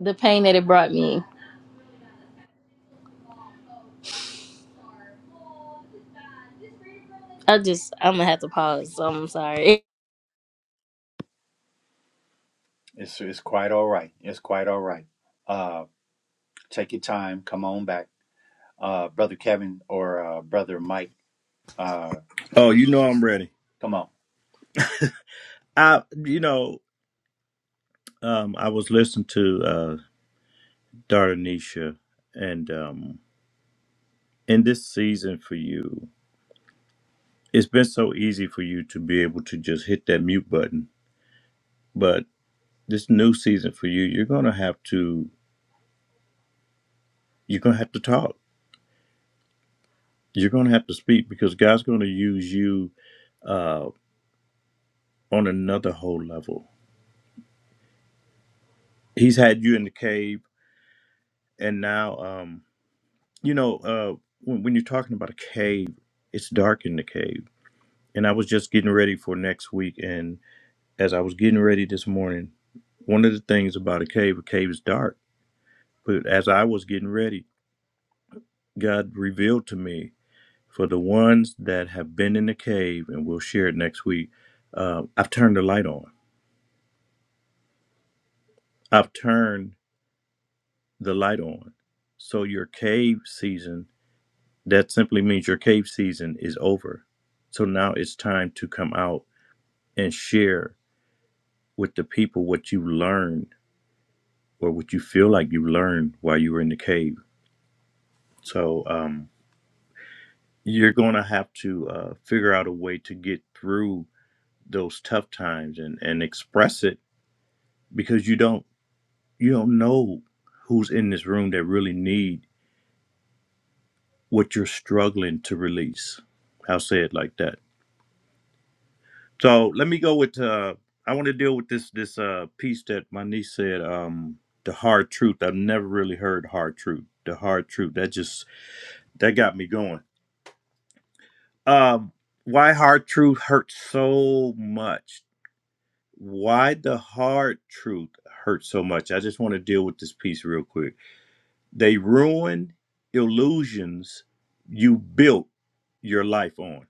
F: the pain that it brought me I just I'm gonna have to pause so I'm sorry
B: Oh, you know I'm ready. I you know um, I was listening to uh, Darnisha, and um, in this season for you, it's been so easy for you to be able to just hit that mute button, but this new season for you, you're gonna have to you're gonna have to talk. You're gonna have to speak because God's gonna use you uh, on another whole level. He's had you in the cave, and now um, you know uh, when, when you're talking about a cave, it's dark in the cave. And I was just getting ready for next week, and as I was getting ready this morning, one of the things about a cave, a cave is dark. But as I was getting ready, God revealed to me for the ones that have been in the cave, and we'll share it next week. Uh, I've turned the light on. I've turned the light on. So your cave season, that simply means your cave season is over. So now it's time to come out and share with the people what you learned or what you feel like you learned while you were in the cave. So um, you're going to have to uh, figure out a way to get through those tough times and, and express it because you don't You don't know who's in this room that really need what you're struggling to release. I'll say it like that. So let me go with. Uh, I want to deal with this this uh, piece that my niece said. Um, the hard truth. I've never really heard hard truth. The hard truth. That just that got me going. Um, why hard truth hurts so much? Why the hard truth hurts so much? I just want to deal with this piece real quick. They ruin illusions you built your life on.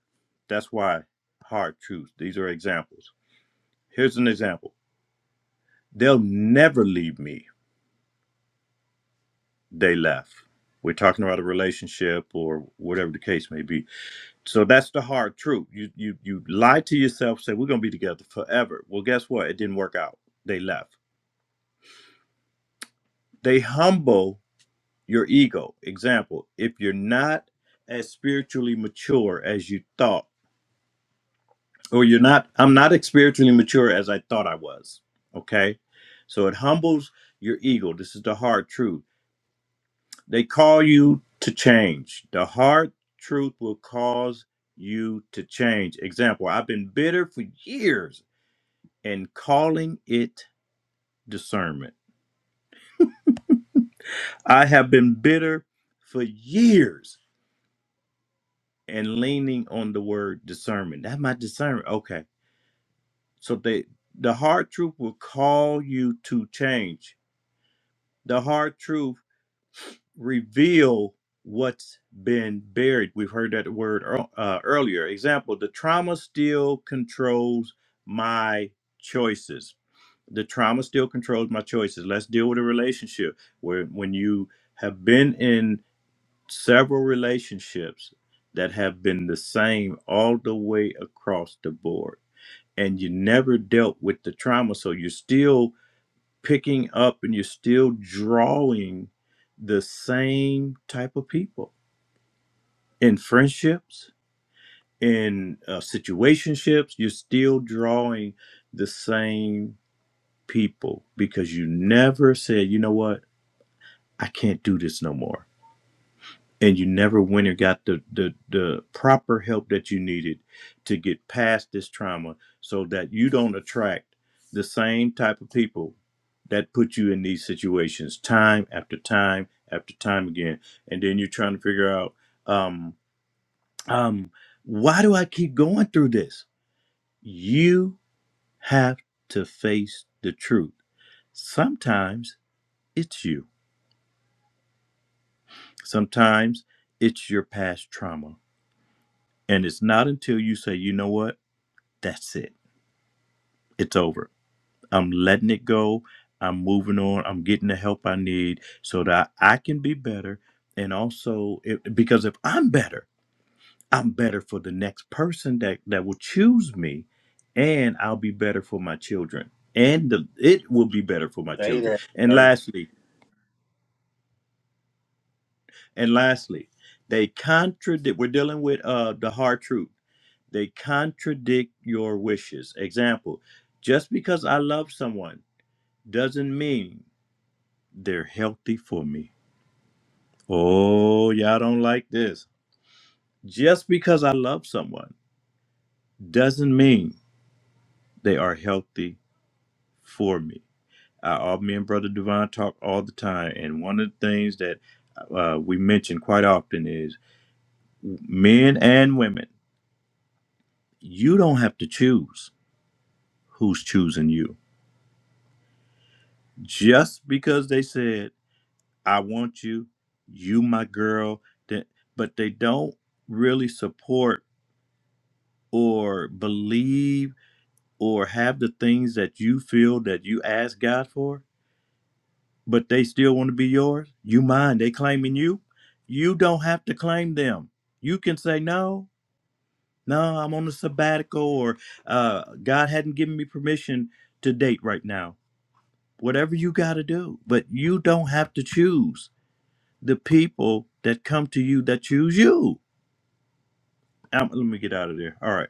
B: That's why hard truths. These are examples. Here's an example. They'll never leave me. They left. We're talking about a relationship or whatever the case may be. So that's the hard truth. You you you lie to yourself, say we're gonna be together forever. Well, guess what? It didn't work out. They left. They humble your ego. Example, if you're not as spiritually mature as you thought or you're not i'm not as spiritually mature as i thought i was okay so it humbles your ego this is the hard truth they call you to change the hard truth will cause you to change example i've been bitter for years and calling it discernment i have been bitter for years and leaning on the word discernment that's my discernment okay so they the hard truth will call you to change The hard truth reveal what's been buried. We've heard that word ear- uh, earlier. Example, the trauma still controls my choices. The trauma still controls my choices. Let's deal with a relationship where when you have been in several relationships that have been the same all the way across the board and you never dealt with the trauma so you're still picking up and you're still drawing the same type of people in friendships in uh, situationships you're still drawing the same people because you never said you know what i can't do this no more and you never went and got the, the the proper help that you needed to get past this trauma so that you don't attract the same type of people that put you in these situations time after time after time again and then you're trying to figure out um um why do i keep going through this you have to face the truth sometimes it's you sometimes it's your past trauma And it's not until you say, you know what, that's it, it's over. I'm letting it go. I'm moving on. I'm getting the help I need so that I can be better. And also, it, because if I'm better, I'm better for the next person that, that will choose me, and I'll be better for my children. And the, it will be better for my children. And lastly, And lastly, they contradict, we're dealing with uh, the hard truth. They contradict your wishes. Example, just because I love someone doesn't mean they're healthy for me. Oh, y'all don't like this. Just because I love someone doesn't mean they are healthy for me. I, all, me and Brother Devon talk all the time, and one of the things that uh, we mention quite often is men and women, you don't have to choose who's choosing you. Just because they said, I want you, you my girl, that but they don't really support or believe or have the things that you feel that you ask God for, but they still want to be yours, you mine, they claiming you. You don't have to claim them. You can say no, no, I'm on a sabbatical or uh, God hadn't given me permission to date right now whatever you got to do. But you don't have to choose the people that come to you that choose you. Um, let me get out of there. All right.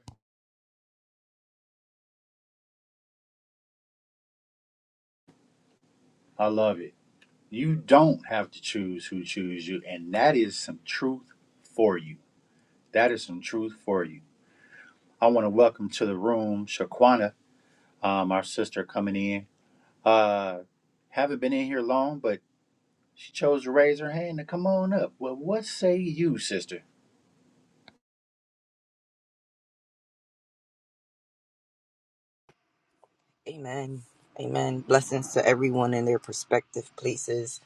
G: Amen. Amen. Blessings to everyone in their prospective places.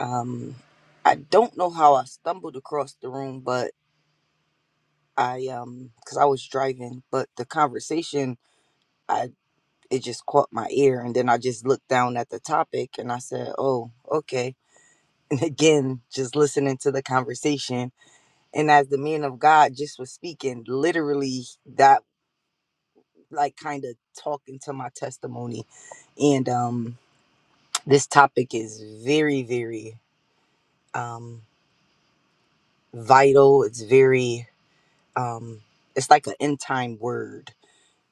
G: Um, I don't know how I stumbled across the room, but I um, cause I was driving, but the conversation, I it just caught my ear, and then I just looked down at the topic, and I said, "Oh, okay." And again, just listening to the conversation, and as the man of God just was speaking, literally that like kind of talking to my testimony, and um, this topic is very, very um, vital. It's very, um, it's like an end time word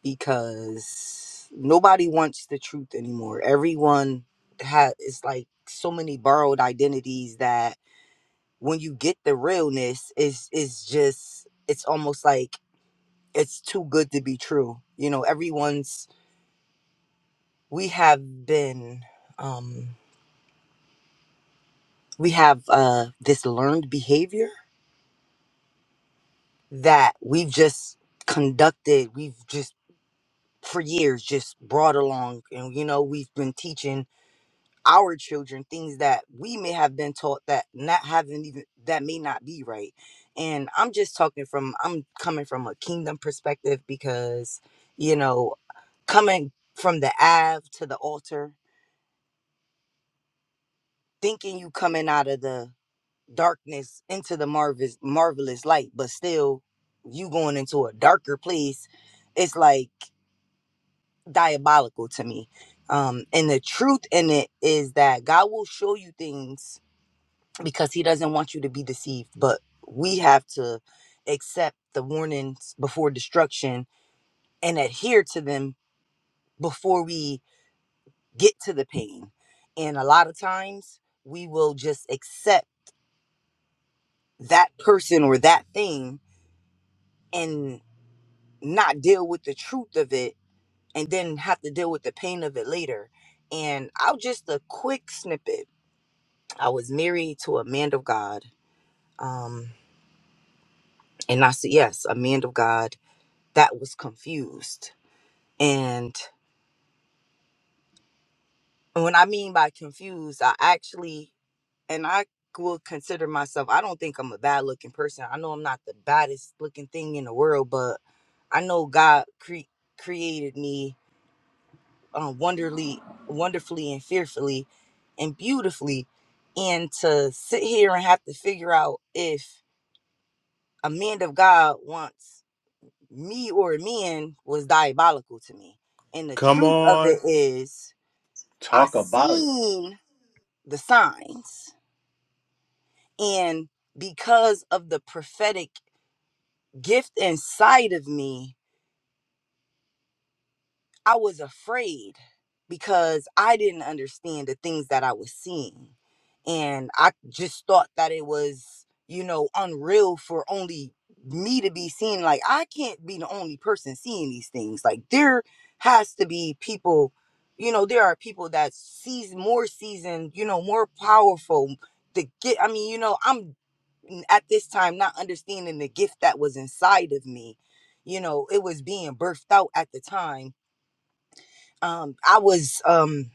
G: because nobody wants the truth anymore. Everyone has, it's like so many borrowed identities that when you get the realness, is is just, it's almost like it's too good to be true. You know, everyone's, we have been, um, we have uh, this learned behavior that we've just conducted. We've just for years just brought along and you know we've been teaching our children things that we may have been taught that not haven't even that may not be right and i'm just talking from i'm coming from a kingdom perspective because you know coming from the ave to the altar thinking you coming out of the darkness into the marvelous marvelous light but still you going into a darker place it's like diabolical to me. Um, and the truth in it is that God will show you things because He doesn't want you to be deceived. But we have to accept the warnings before destruction and adhere to them before we get to the pain. And a lot of times we will just accept that person or that thing and not deal with the truth of it and then have to deal with the pain of it later. And I'll just a quick snippet I was married to a man of God. Um, and I said, yes, a man of God that was confused. And when I mean by confused, I actually, and I will consider myself, I don't think I'm a bad looking person. I know I'm not the baddest looking thing in the world, but I know God cre- created me um, wonderly, wonderfully and fearfully and beautifully. And to sit here and have to figure out if a man of God wants me or men was diabolical to me. And the
B: Come
G: truth of it
B: on.
G: is, I seen the signs. And because of the prophetic gift inside of me, I was afraid because I didn't understand the things that I was seeing. And I just thought that it was, you know, unreal for only me to be seeing. Like, I can't be the only person seeing these things. Like, there has to be people, you know, there are people that sees more seasoned, you know, more powerful to get. I mean, you know, I'm n- at this time not understanding the gift that was inside of me. You know, it was being birthed out at the time um i was um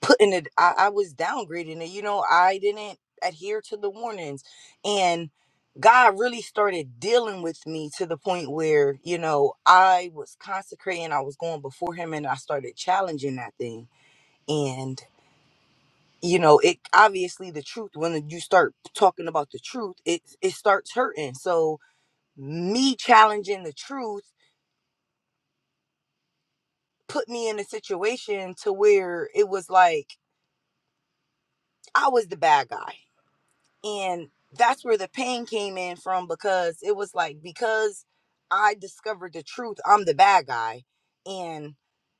G: putting it I, I was downgrading it you know i didn't adhere to the warnings and god really started dealing with me to the point where you know i was consecrating i was going before him and i started challenging that thing and you know it obviously the truth when you start talking about the truth it it starts hurting so me challenging the truth put me in a situation to where it was like i was the bad guy and that's where the pain came in from because it was like because i discovered the truth i'm the bad guy and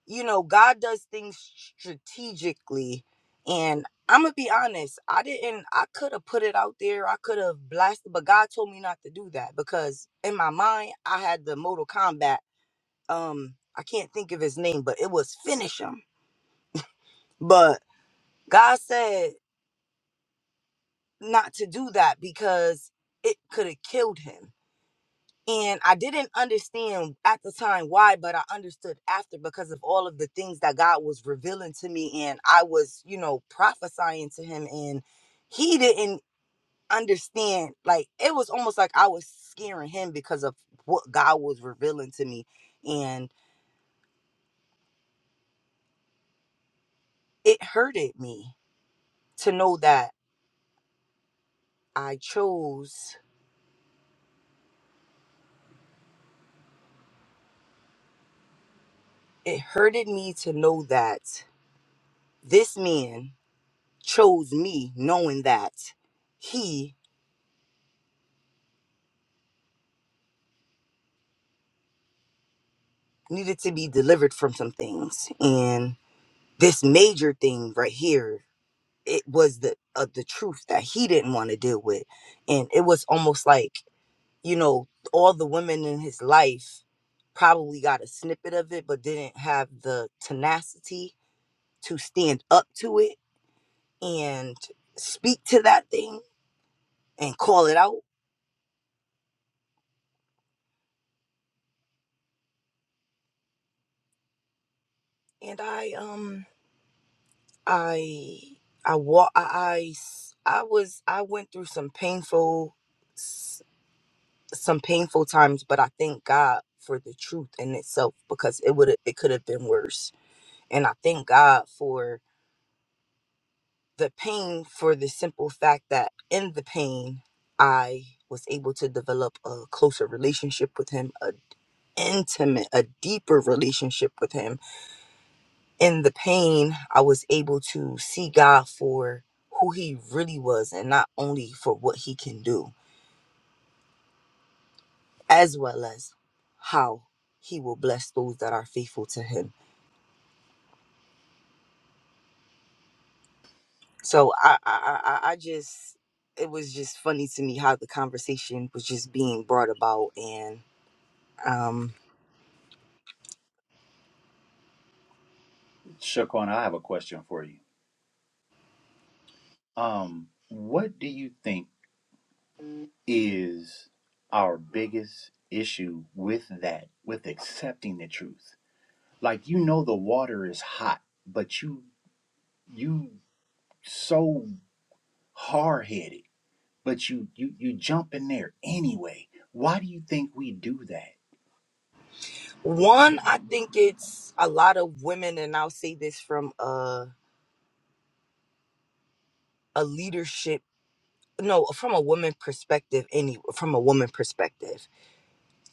G: you know god does things strategically and i'm gonna be honest i didn't i could have put it out there i could have blasted but god told me not to do that because in my mind i had the mortal combat um i can't think of his name but it was finish him but god said not to do that because it could have killed him And I didn't understand at the time why, but I understood after because of all of the things that God was revealing to me. And I was, you know, prophesying to him. And he didn't understand. Like, it was almost like I was scaring him because of what God was revealing to me. And it hurted me to know that I chose, it hurted me to know that this man chose me, knowing that he needed to be delivered from some things and this major thing right here it was the uh, the truth that he didn't want to deal with and it was almost like you know all the women in his life probably got a snippet of it but didn't have the tenacity to stand up to it and speak to that thing and call it out and i um i i wa- I I s- I was i went through some painful some painful times, but I thank God for the truth in itself because it would it could have been worse. And I thank God for the pain for the simple fact that in the pain I was able to develop a closer relationship with him, a intimate, a deeper relationship with him. In the pain, I was able to see God for who he really was and not only for what he can do, as well as how he will bless those that are faithful to him So I, I, I, I just, it was just funny to me how the conversation was just being brought about. And um, one, I think it's a lot of women, and I'll say this from a, a leadership, no, from a woman perspective, any, from a woman perspective,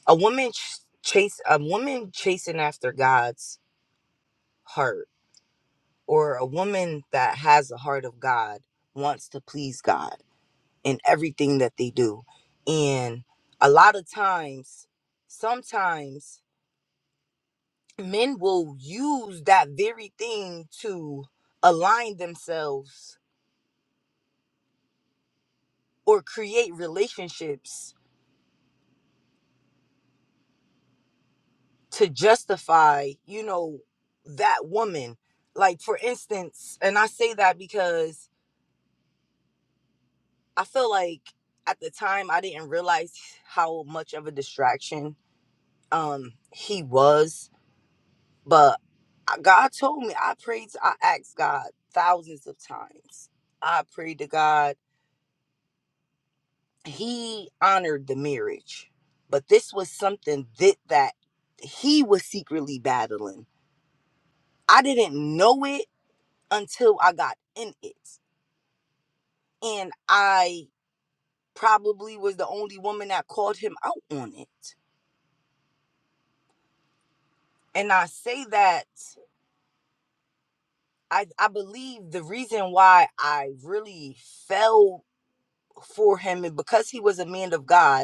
G: a woman ch- chase, a woman chasing after God's heart or a woman that has the heart of God wants to please God in everything that they do. And a lot of times, sometimes men will use that very thing to align themselves or create relationships to justify, you know, that woman. Like, for instance, and I say that because I feel like at the time I didn't realize how much of a distraction um he was But I- God told me, I prayed, to, I asked God thousands of times. I prayed to God. He honored the marriage, but this was something that that he was secretly battling. I didn't know it until I got in it, and I probably was the only woman that called him out on it. And I say that I, I believe the reason why I really fell for him and because he was a man of God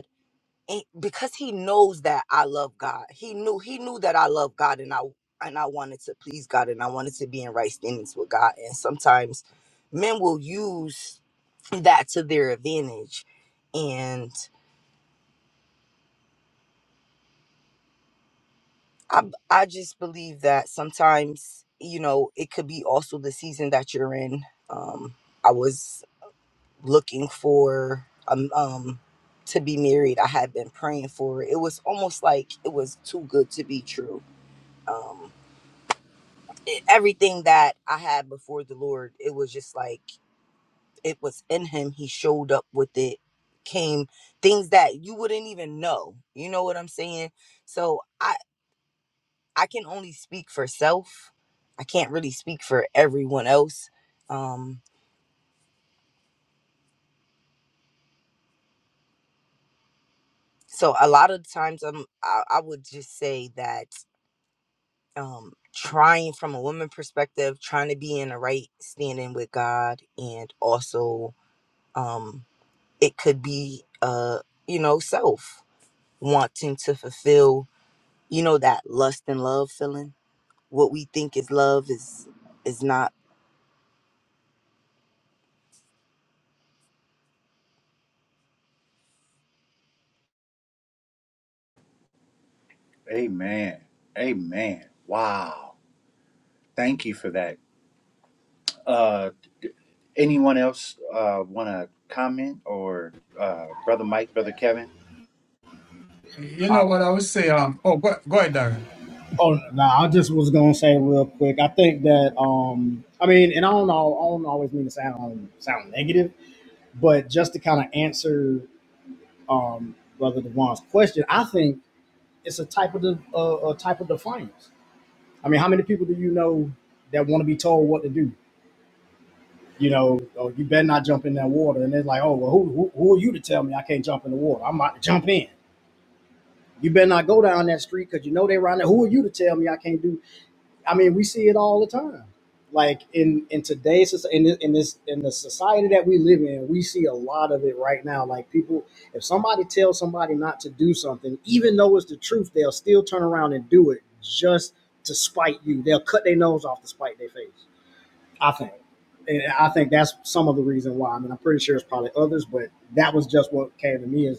G: and because he knows that I love God, he knew he knew that I love God, and I and I wanted to please God, and I wanted to be in right standings with God. And sometimes men will use that to their advantage, and I I just believe that sometimes you know it could be also the season that you're in. Um, I was looking for um, um to be married. I had been praying for it. It was almost like it was too good to be true. Um, e, everything that I had before the Lord, it was just like it was in him. He showed up with it, came things that you wouldn't even know. You know what I'm saying? So I I can only speak for self. I can't really speak for everyone else. Um so a lot of times I'm I, I would just say that um trying from a woman perspective, trying to be in the right standing with God and also um it could be uh you know self wanting to fulfill you know that lust and love feeling what we think is love is is not
A: You
D: sorry.
A: know what I would say? Um. Oh, go, go ahead, Daryl.
D: Oh no, nah, I just was gonna say real quick. I think that um, I mean, and I don't know, I don't always mean to sound sound negative, but just to kind of answer um, Brother Devon's question, I think it's a type of de- uh, a type of defiance. I mean, how many people do you know that want to be told what to do? You know, oh, you better not jump in that water, and it's like, oh well, who, who who are you to tell me I can't jump in the water? I'm about to jump in. You better not go down that street because you know they around there. Who are you to tell me I can't do I mean, we see it all the time. Like in in today's soc- in this, in this in the society that we live in, we see a lot of it right now. Like people, if somebody tells somebody not to do something, even though it's the truth, they'll still turn around and do it just to spite you. They'll cut their nose off to spite their face. I think, and I think that's some of the reason why. I mean, I'm pretty sure it's probably others, but that was just what came to me Is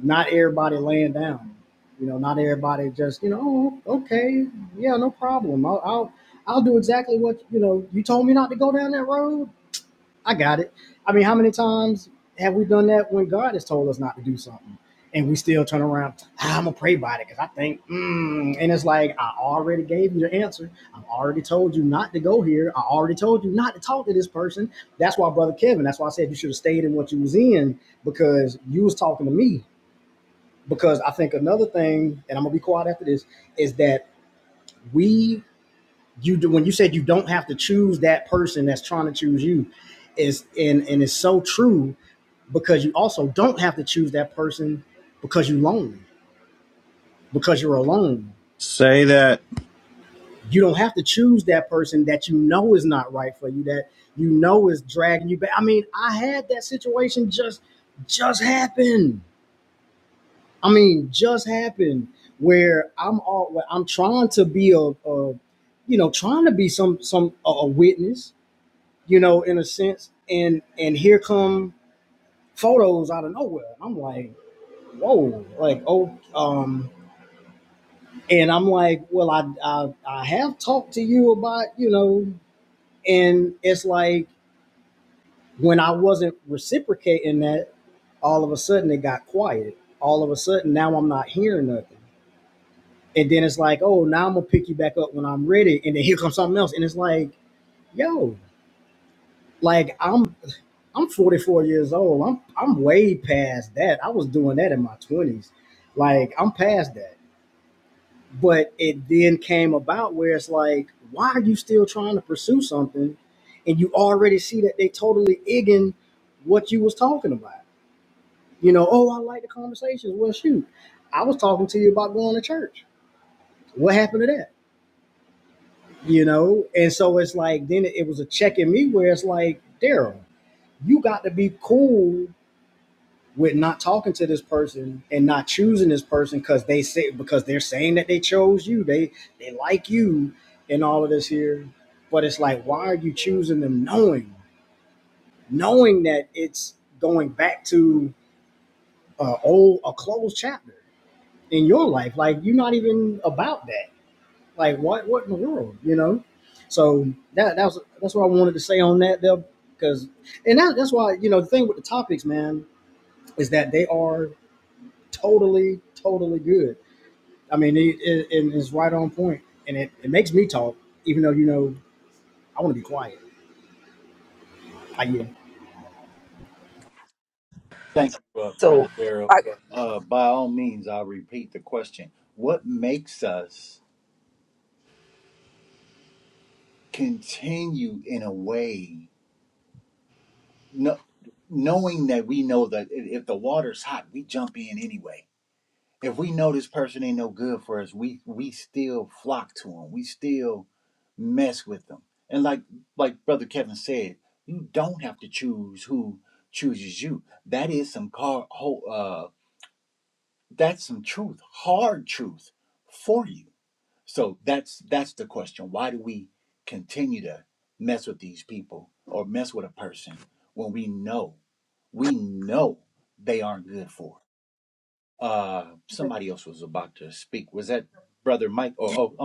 D: not everybody laying down. You know, not everybody just you know "Oh, okay, yeah, no problem. I'll I'll, I'll do exactly what you know you told me not to go down that road. I got it. I mean, how many times have we done that when God has told us not to do something? And we still turn around. ah, I'm gonna pray about it because I think, mm. and it's like I already gave you the answer. I've already told you not to go here. I already told you not to talk to this person. That's why, brother Kevin. That's why I said you should have stayed in what you was in because you was talking to me because I think another thing, and I'm gonna be quiet after this, is that we you do when you said you don't have to choose that person that's trying to choose you, is and and it's so true because you also don't have to choose that person because you're lonely, because you're alone.
B: Say that.
D: You don't have to choose that person that you know is not right for you, that you know is dragging you back. I mean, I had that situation just just happen I mean, just happened where I'm all where I'm trying to be a, a you know, trying to be some some a, a witness, you know, in a sense. And and here come photos out of nowhere. And I'm like, whoa, like oh, um, and I'm like, well, I I, I have talked to you about you know, and it's like when I wasn't reciprocating that, all of a sudden it got quiet. All of a sudden now I'm not hearing nothing. and then it's like, oh, now I'm gonna pick you back up when I'm ready, and then here comes something else, and it's like, yo, like I'm I'm 44 years old. I'm I'm way past that. I was doing that in my 20s, like I'm past that. But it then came about where it's like, why are you still trying to pursue something, and you already see that they totally igging what you was talking about. You know, oh, I like the conversations. Well, shoot, I was talking to you about going to church. What happened to that? you know? And so it's like, then it was a check in me where it's like, Daryl, you got to be cool with not talking to this person and not choosing this person because they say because they're saying that they chose you, they they like you and all of this here. But it's like, why are you choosing them knowing, knowing that it's going back to uh, old a closed chapter in your life? Like you're not even about that. Like what? What in the world? You know. So that that's that's what I wanted to say on that There, because and that, that's why you know the thing with the topics, man, is that they are totally totally good. I mean, it, it, it is right on point, and it, it makes me talk, even though you know I want to be quiet. I yeah.
G: so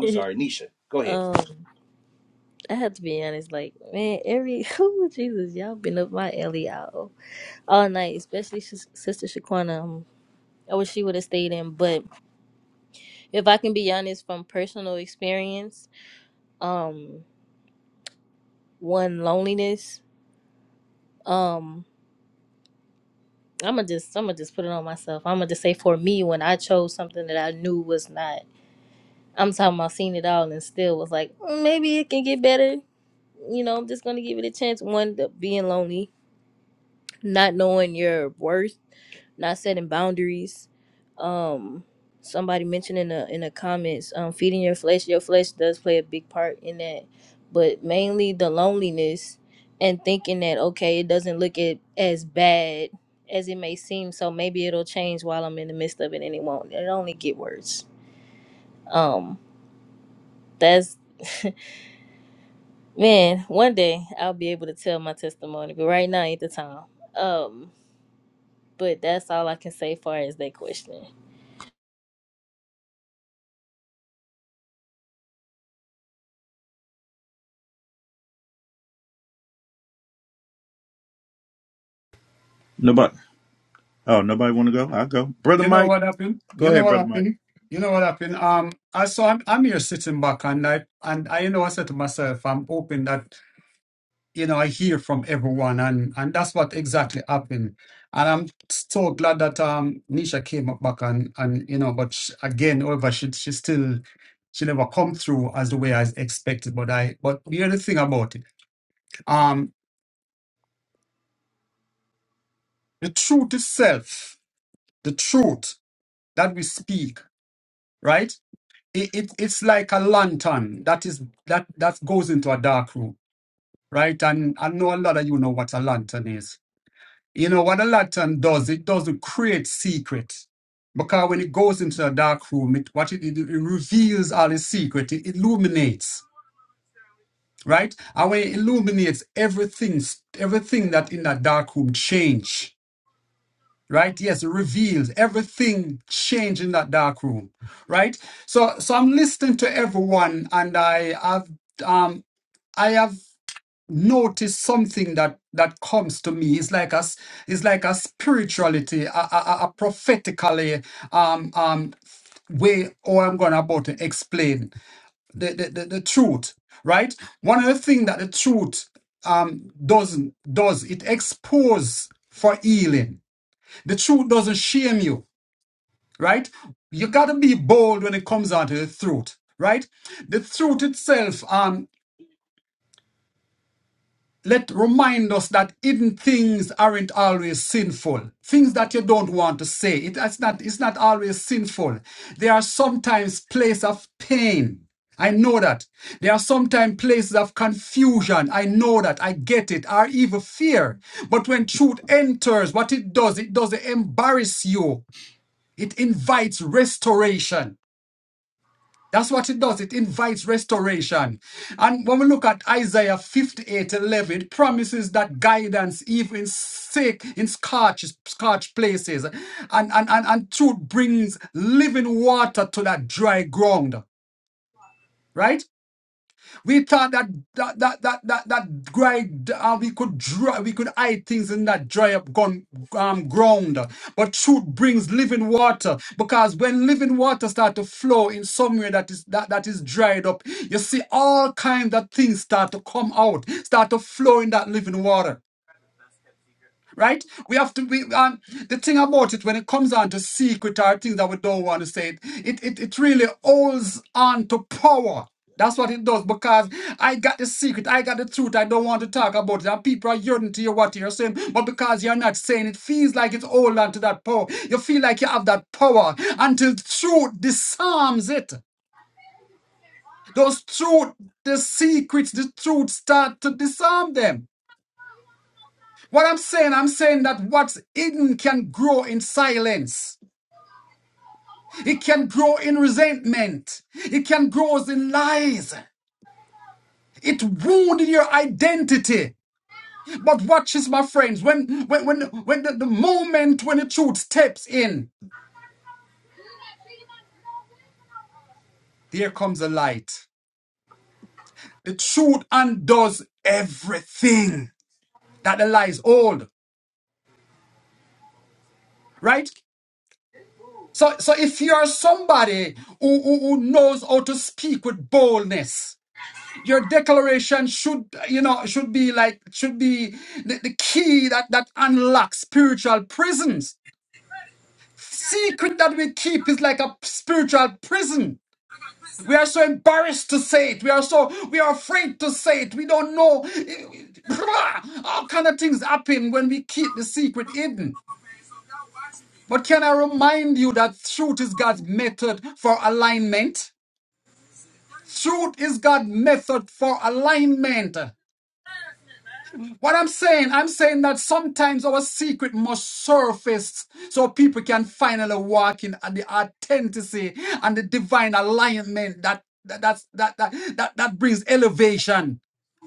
F: um I have to be honest like man every oh Jesus y'all been up my alley all, all night especially Sis- sister Shaquana um, I wish she would have stayed in but if I can be honest from personal experience um one loneliness um I'm gonna just I'm gonna just put it on myself. I'm gonna just say for me when I chose something that I knew was not I'm talking about seen it all and still was like, "Mm, maybe it can get better. You know, I'm just gonna give it a chance. One, the being lonely, not knowing your worth, not setting boundaries. Um, somebody mentioned in the in the comments, um, feeding your flesh. Your flesh does play a big part in that, but mainly the loneliness and thinking that okay, it doesn't look it as bad as it may seem. So maybe it'll change while I'm in the midst of it, and it won't. It only get worse. Um, that's Man, one day I'll be able to tell my testimony, but right now ain't the time. Um, but that's all I can say far as that question.
B: Nobody. Oh, nobody want to go? I'll go. Brother
A: You know
B: Mike.
A: what happened?
B: Go
A: You know
B: ahead,
A: what
B: Brother Mike.
A: happened? You know what happened? Um. I so I'm I'm here sitting back and I and I you know I said to myself, I'm hoping that you know, I hear from everyone, and and that's what exactly happened. And I'm so glad that um Nisha came up back and and you know, but sh again, however, she she still she never come through as the way I expected. But I but here's the other thing about it, um, the truth itself, the truth that we speak, right? It, it it's like a lantern that is that that goes into a dark room, right? And I know a lot of you know what a lantern is You know what a lantern does? It doesn't create secret. Because when it goes into a dark room, it what it, it reveals all its secret. It illuminates, right? And when it illuminates, everything, everything that in that dark room change, right? Yes, it reveals everything change in that dark room, right? So, so I'm listening to everyone, and I have, um, I have notice something that that comes to me it's like a s- it's like a spirituality a, a, a a prophetically um um way or i'm going about to explain the, the the the truth right one of the things that the truth um doesn't does it expose for healing the truth doesn't shame you right you got to be bold when it comes out of the truth right the truth itself um, let remind us that hidden things aren't always sinful. Things that you don't want to say, it, it's not it's not always sinful. There are sometimes places of pain. I know that. There are sometimes places of confusion. I know that. I get it. Or even fear. But when truth enters, what it does, it doesn't embarrass you. It invites restoration. That's what it does. It invites restoration. And when we look at Isaiah 58 11, it promises that guidance, even sick, in scorch, scorch places, and, and, and, and truth brings living water to that dry ground, right? We thought that that that that that, that dry, uh, we could dry, we could hide things in that dry up gun, um, ground. But truth brings living water because when living water start to flow in somewhere that is that, that is dried up, you see all kinds of things start to come out, start to flow in that living water right? We have to be and the thing about it when it comes down to secret or things that we don't want to say. It it it really holds on to power. That's what it does because I got the secret, I got the truth, I don't want to talk about it. And people are yearning to hear what you're saying, but because you're not saying it, feels like it's holding on to that power. You feel like you have that power until truth disarms it. Those truth, the secrets, the truth start to disarm them. What I'm saying, I'm saying that what's hidden can grow in silence. It can grow in resentment. It can grow in lies. It wounded your identity. But watch this, my friends. When when when when the, the moment when the truth steps in, there comes the light. The truth undoes everything that the lies hold. Right? So so if you are somebody who, who who knows how to speak with boldness, your declaration should you know should be like should be the, the key that that unlocks spiritual prisons secret that we keep is like a spiritual prison we are so embarrassed to say it we are so we are afraid to say it we don't know all kind of things happen when we keep the secret hidden but can i remind you that truth is god's method for alignment truth is god's method for alignment What I'm saying, I'm saying that sometimes our secret must surface so people can finally walk in and the authenticity and the divine alignment that that that's, that, that that that brings elevation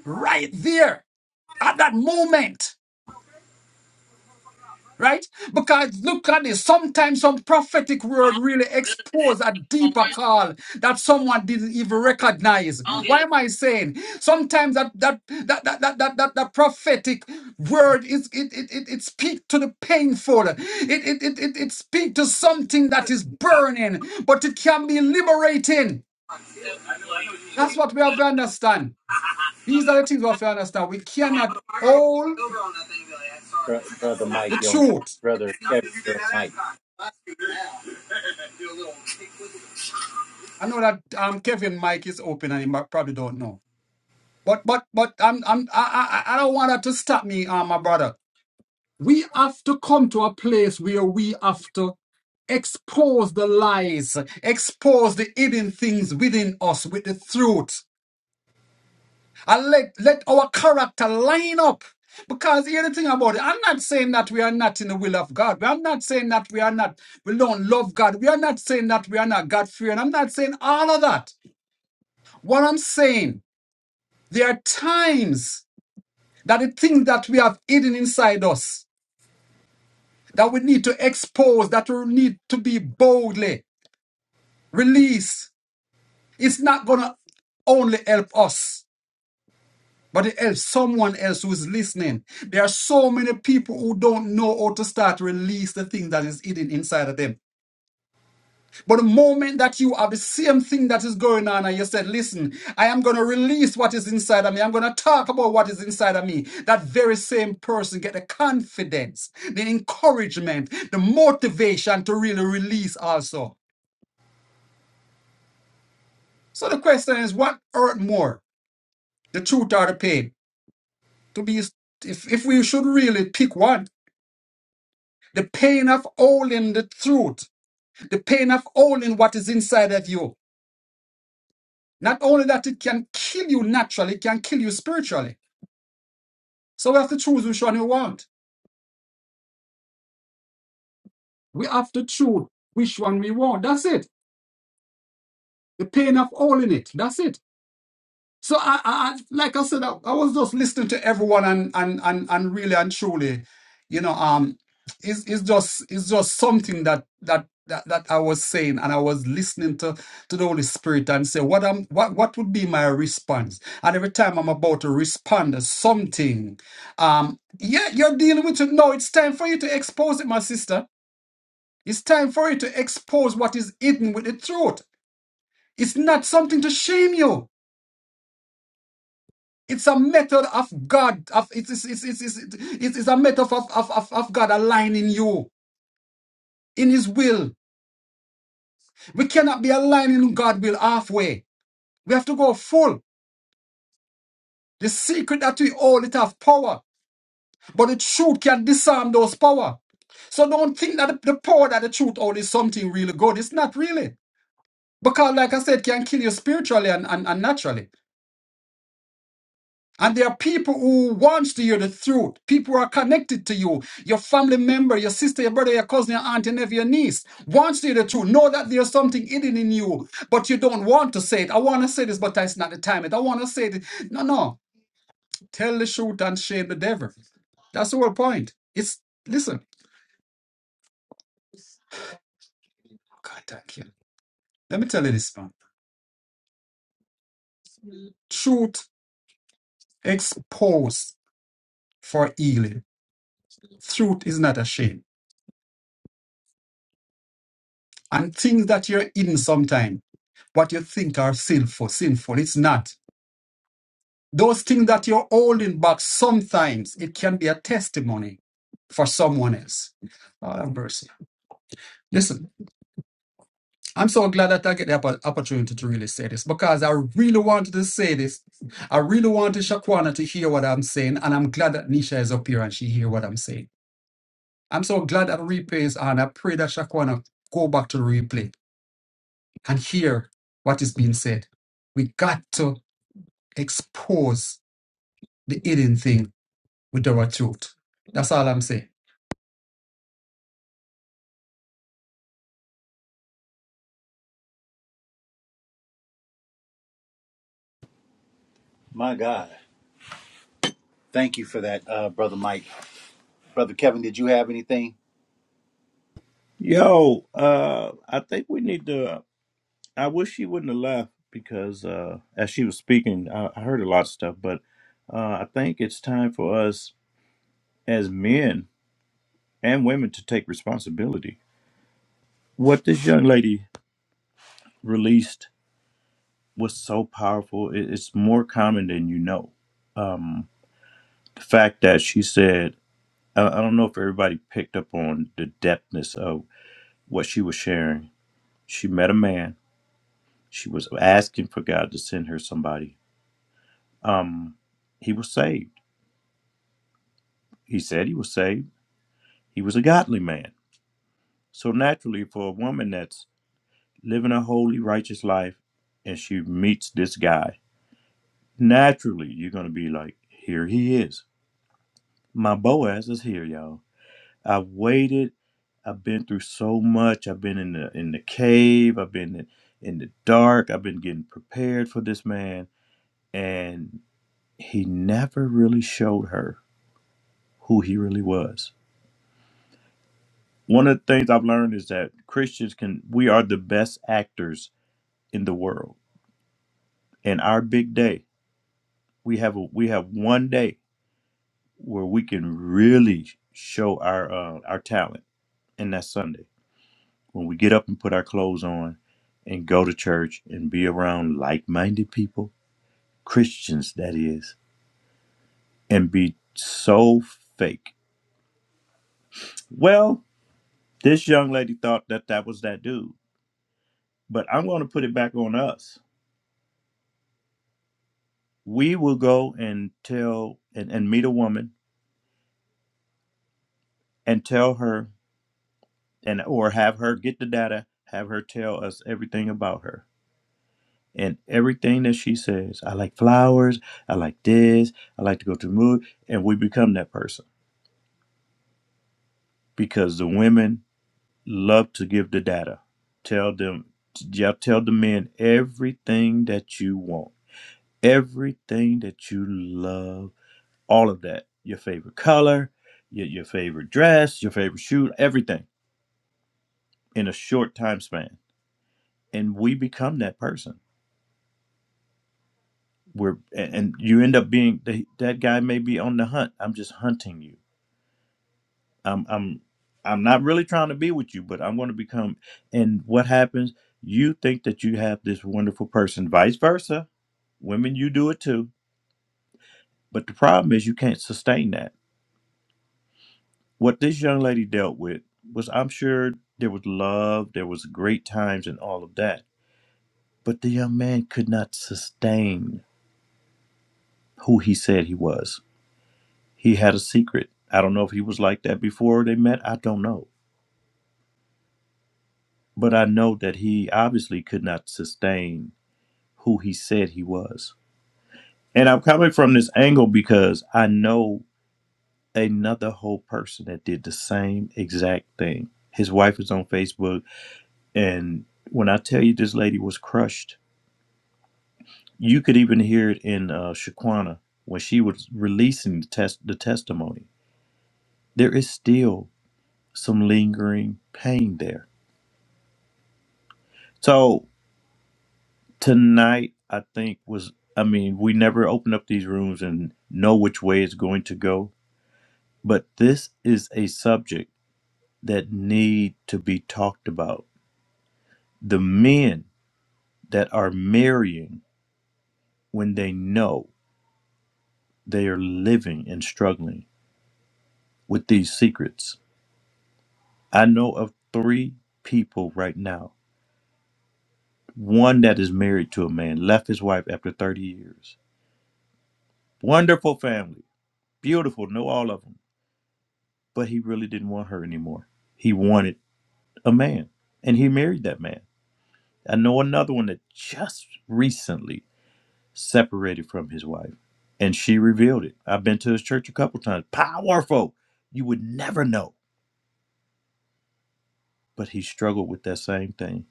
A: right there at that moment right? Because look at this. Sometimes some prophetic word really expose a deeper call that someone didn't even recognize. Why am I saying? Sometimes that that that that that that, that, that prophetic word is it it it, it speaks to the painful. It it it it, it speaks to something that is burning, but it can be liberating. That's what we have to understand. These are the things we have to understand. We cannot hold the truth I know that um Kevin mic is open and he might- probably don't know. But but but I'm I'm I I, I don't want that to stop me, uh, my brother. We have to come to a place where we have to expose the lies, expose the hidden things within us with the truth. And let let our character line up. Because here's the thing about it, I'm not saying that we are not in the will of God. I'm not saying that we are not, we don't love God. We are not saying that we are not God fearing. I'm not saying all of that. What I'm saying There are times that the things that we have hidden inside us that we need to expose, that we need to be boldly released. It's not gonna only help us, but it helps someone else who is listening. There are so many people who don't know how to start release the thing that is hidden inside of them. But the moment that you have the same thing that is going on, and you said, Listen, I am going to release what is inside of me, I'm going to talk about what is inside of me, that very same person get the confidence, the encouragement, the motivation to really release also. So the question is, what hurt more, the truth or the pain? To be, if, if we should really pick one, the pain of holding the truth, the pain of holding what is inside of you. Not only that, it can kill you naturally, it can kill you spiritually. So we have to choose which one we want. We have to choose which one we want. That's it. The pain of all in it. That's it. So I, I I- like I said, I, I was just listening to everyone and and and and really and truly, you know, um, it's it's just it's just something that that that, that I was saying and I was listening to to the Holy Spirit and say what I'm what what would be my response? And every time I'm about to respond to something, um, yeah, you're dealing with it. No, it's time for you to expose it, my sister It's time for you to expose what is hidden with the truth. It's not something to shame you. It's a method of God. Of, it's, it's, it's, it's, it's, it's it's a method of, of, of, of God aligning you in His will. We cannot be aligning God's will halfway. We have to go full. The secret that we hold, it have power. But the truth can disarm those power. So don't think that the the power that the truth hold is something really good. It's not really. Because like I said, it can kill you spiritually and, and, and naturally. And there are people who wants to hear the truth. People who are connected to you, your family member, your sister, your brother, your cousin, your aunt, your nephew, your niece wants to hear the truth. Know that there's something hidden in you, but you don't want to say it. I want to say this, but it's not the time. It. I want to say it. No, no. Tell the truth and shame the devil. That's the whole point. It's listen. Oh, God, thank you. Let me tell you this, man. Truth exposed for healing. Truth is not a shame. And things that you're hidden sometimes. what you think are sinful, sinful. It's not. Those things that you're holding back, sometimes it can be a testimony for someone else. Lord have mercy. Listen, I'm so glad that I get the oppo- opportunity to really say this because I really wanted to say this. I really wanted Shaquana to hear what I'm saying, and I'm glad that Nisha is up here and she hear what I'm saying. I'm so glad that replay is on. I pray that Shaquana go back to the replay and hear what is being said. We got to expose the eating thing with the raw truth. That's all I'm saying.
B: Yo, uh, I think we need to. I wish she wouldn't have left because uh, as she was speaking, I, I heard a lot of stuff. But uh, I think it's time for us as men and women to take responsibility. What this young lady released was so powerful. It, it's more common than you know. Um, the fact that she said, I, I don't know if everybody picked up on the depthness of what she was sharing. She met a man. She was asking for God to send her somebody um, he was saved. He said he was saved. He was a godly man. So naturally, for a woman that's living a holy, righteous life, and she meets this guy, naturally you're gonna be like, here he is. My Boaz is here, y'all. I've waited. I've been through so much. I've been in the in the cave. I've been in, in the dark. I've been getting prepared for this man, and he never really showed her who he really was One of the things I've learned is that Christians can we are the best actors in the world. And our big day, we have a, we have one day where we can really show our uh, our talent, and that's Sunday when we get up and put our clothes on and go to church and be around like-minded people, Christians that is, and be so fake. Well, this young lady thought that that was that dude, but I'm going to put it back on us we will go and tell and, and meet a woman and tell her and or have her get the data have her tell us everything about her and everything that she says i like flowers i like this i like to go to the movie and we become that person because the women love to give the data tell them yeah, tell the men everything that you want everything that you love all of that your favorite color your, your favorite dress your favorite shoe everything in a short time span and we become that person we're and and you end up being the, that guy may be on the hunt i'm just hunting you i'm i'm i'm not really trying to be with you but i'm going to become and what happens you think that you have this wonderful person vice versa women you do it too but the problem is you can't sustain that What this young lady dealt with was, I'm sure, there was love, there was great times, and all of that. But the young man could not sustain who he said he was. He had a secret. I don't know if he was like that before they met. I don't know. But I know that he obviously could not sustain who he said he was. And I'm coming from this angle because I know another whole person that did the same exact thing. His wife is on Facebook. And when I tell you this lady was crushed, You could even hear it in uh, Shaquana when she was releasing the test the testimony. There is still some lingering pain there. So tonight, I think was I mean we never open up these rooms and know which way it's going to go, but this is a subject that need to be talked about. The men that are marrying when they know they are living and struggling with these secrets I know of three people right now. One that is married to a man, left his wife after 30 years. Wonderful family, beautiful, know all of them. But he really didn't want her anymore. He wanted a man, and he married that man. I know another one that just recently separated from his wife, and she revealed it. I've been to his church a couple times. Powerful. You would never know. But he struggled with that same thing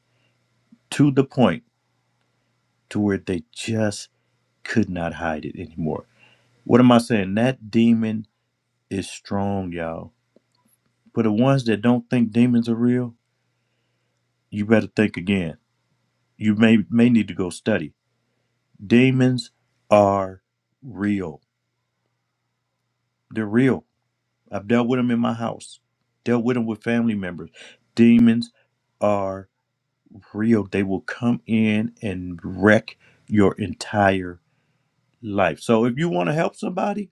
B: to the point to where they just could not hide it anymore What am I saying? That demon is strong, y'all. For the ones that don't think demons are real, you better think again. You may may need to go study. Demons are real. They're real. I've dealt with them in my house. Dealt with them with family members. Demons are real. They will come in and wreck your entire life. So if you want to help somebody,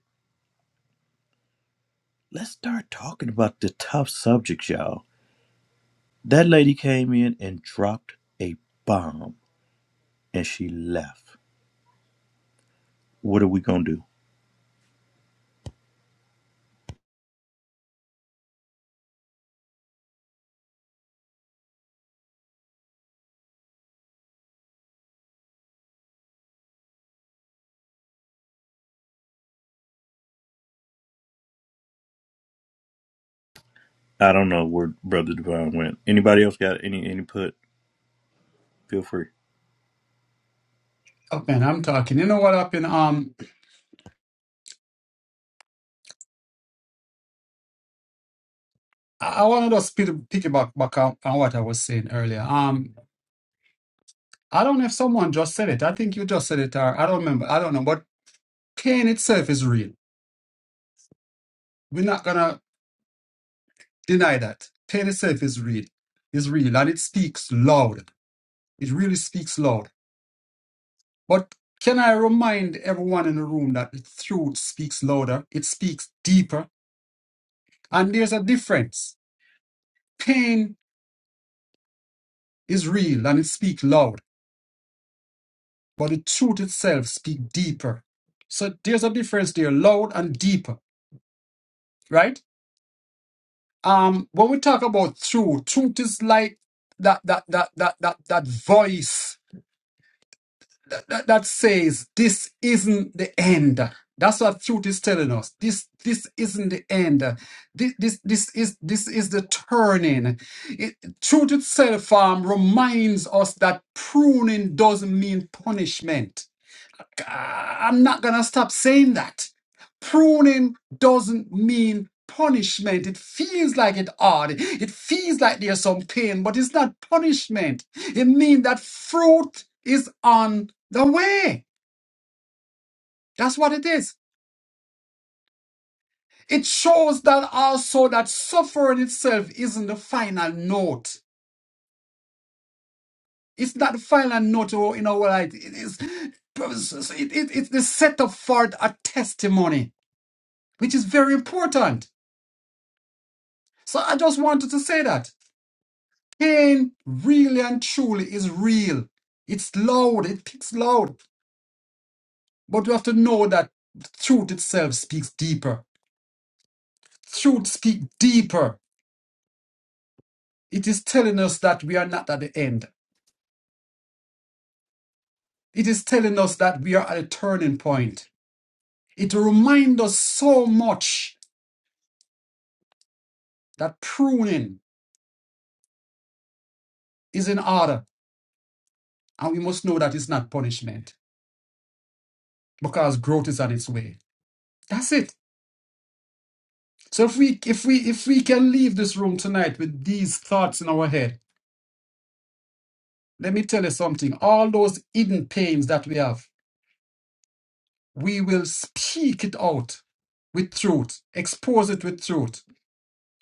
B: let's start talking about the tough subjects, y'all That lady came in and dropped a bomb and she left. What are we gonna do? I don't know where Brother Divine went. Anybody else got any input? Feel free.
A: Oh man, I'm talking. You know what happened? Um, I, I want to just pit- piggyback back on, on what I was saying earlier. Um, I don't know if someone just said it. I think you just said it, or I don't remember. I don't know. But pain itself is real. We're not gonna deny that. Pain itself is real. It's real, and it speaks loud. It really speaks loud. But can I remind everyone in the room that the truth speaks louder, it speaks deeper, and there's a difference. Pain is real and it speaks loud, but the truth itself speaks deeper. So there's a difference there, loud and deeper, right? Um, when we talk about truth, truth is like that that that that that that voice that, that, that says this isn't the end. That's what truth is telling us. This this isn't the end. This this this is this is the turning. It, truth itself um, reminds us that pruning doesn't mean punishment. I'm not going to stop saying that. Pruning doesn't mean punishment. It feels like it odd. It feels like there's some pain, but it's not punishment. It means that fruit is on the way. That's what it is. It shows that also that suffering itself isn't the final note. It's not the final note or you know what it is. It, it, it's the setup for a testimony, which is very important. So I just wanted to say that pain really and truly is real. It's loud, it speaks loud. But we have to know that truth itself speaks deeper. Truth speaks deeper. It is telling us that we are not at the end. It is telling us that we are at a turning point. It reminds us so much that pruning is in order and we must know that it's not punishment because growth is on its way. That's it. So if we if we if we can leave this room tonight with these thoughts in our head, let me tell you something. All those hidden pains that we have, we will speak it out with truth, expose it with truth,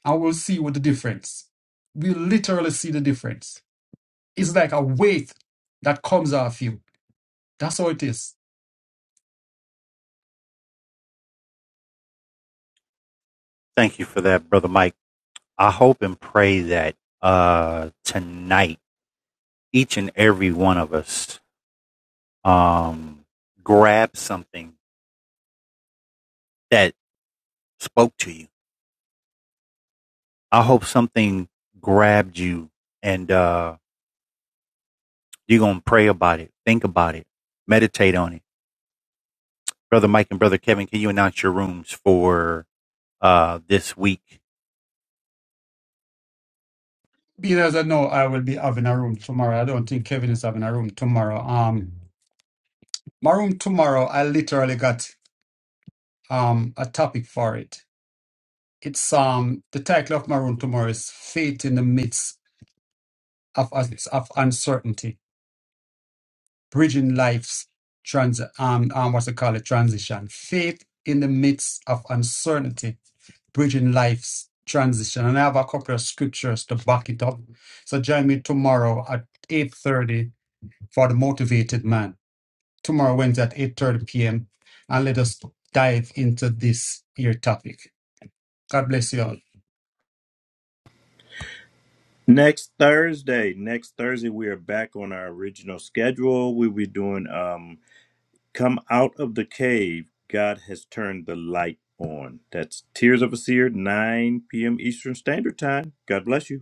A: and we'll see what the difference. We'll literally see the difference. It's like a weight that comes off you. That's how it is. Because I know I will be having a room tomorrow. I don't think Kevin is having a room tomorrow. Um, my room tomorrow, I literally got um a topic for it. It's um the title of my room tomorrow is "Faith in the Midst of of Uncertainty: Bridging Life's Trans um, um what's it called it transition. Faith in the midst of uncertainty, bridging life's transition." And I have a couple of scriptures to back it up. So join me tomorrow at eight thirty for the motivated man. tomorrow, Wednesday at 8.30 p.m. And let us dive into this here topic. God bless you all.
B: Next Thursday. Next Thursday we are back on our original schedule. We'll be doing um Come Out of the Cave. God has turned the light on. That's Tears of a Seer, 9 p.m. Eastern Standard Time. God bless you.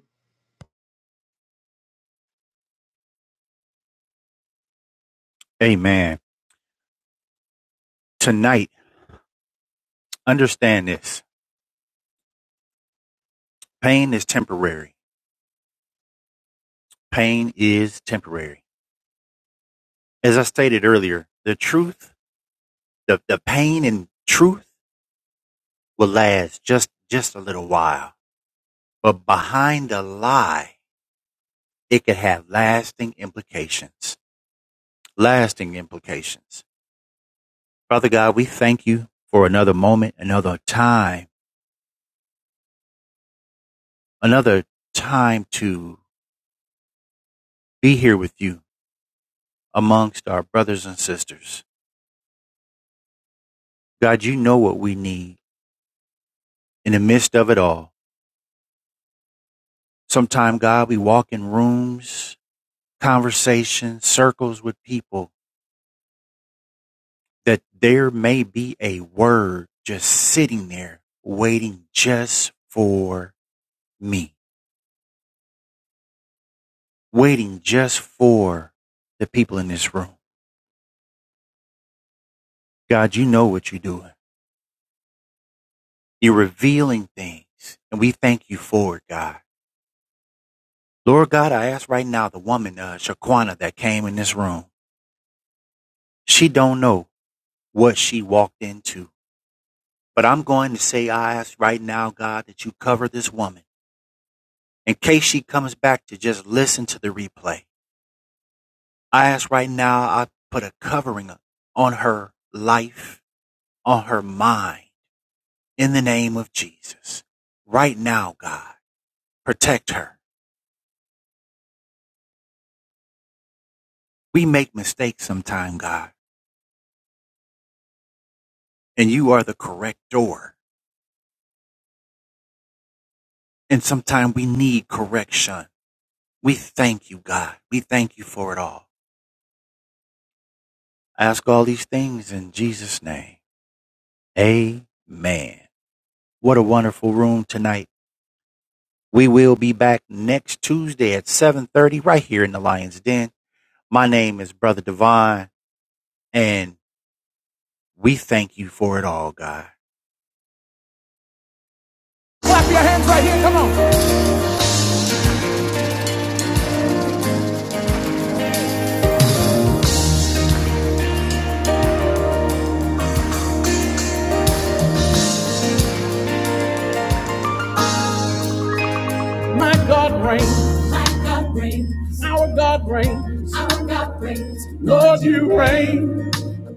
H: My God reigns. My God reigns. Our God reigns. Our God reigns. Lord, you reign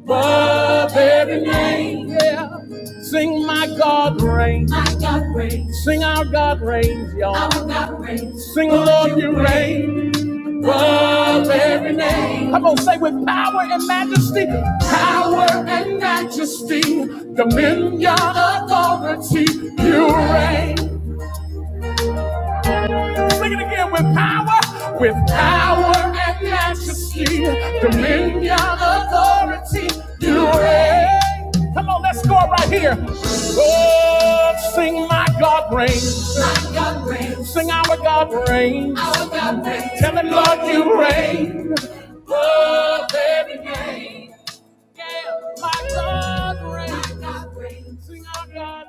H: above every name. Yeah. Sing my God reigns. My God reigns. Sing our God reigns, y'all. Our God reigns. Sing, Lord, you reign reign above every name. Come on, say with power and majesty, power and majesty, dominion, authority, you reign. Sing it again with power, with power and majesty, dominion, authority, you reign. Come on, let's go right here. Oh, sing my God reigns. My God reigns. Sing our God reigns. Our God reigns. Tell him, Lord, you reign. Lord, every name. Yeah, my God reigns. My God reigns. Sing our God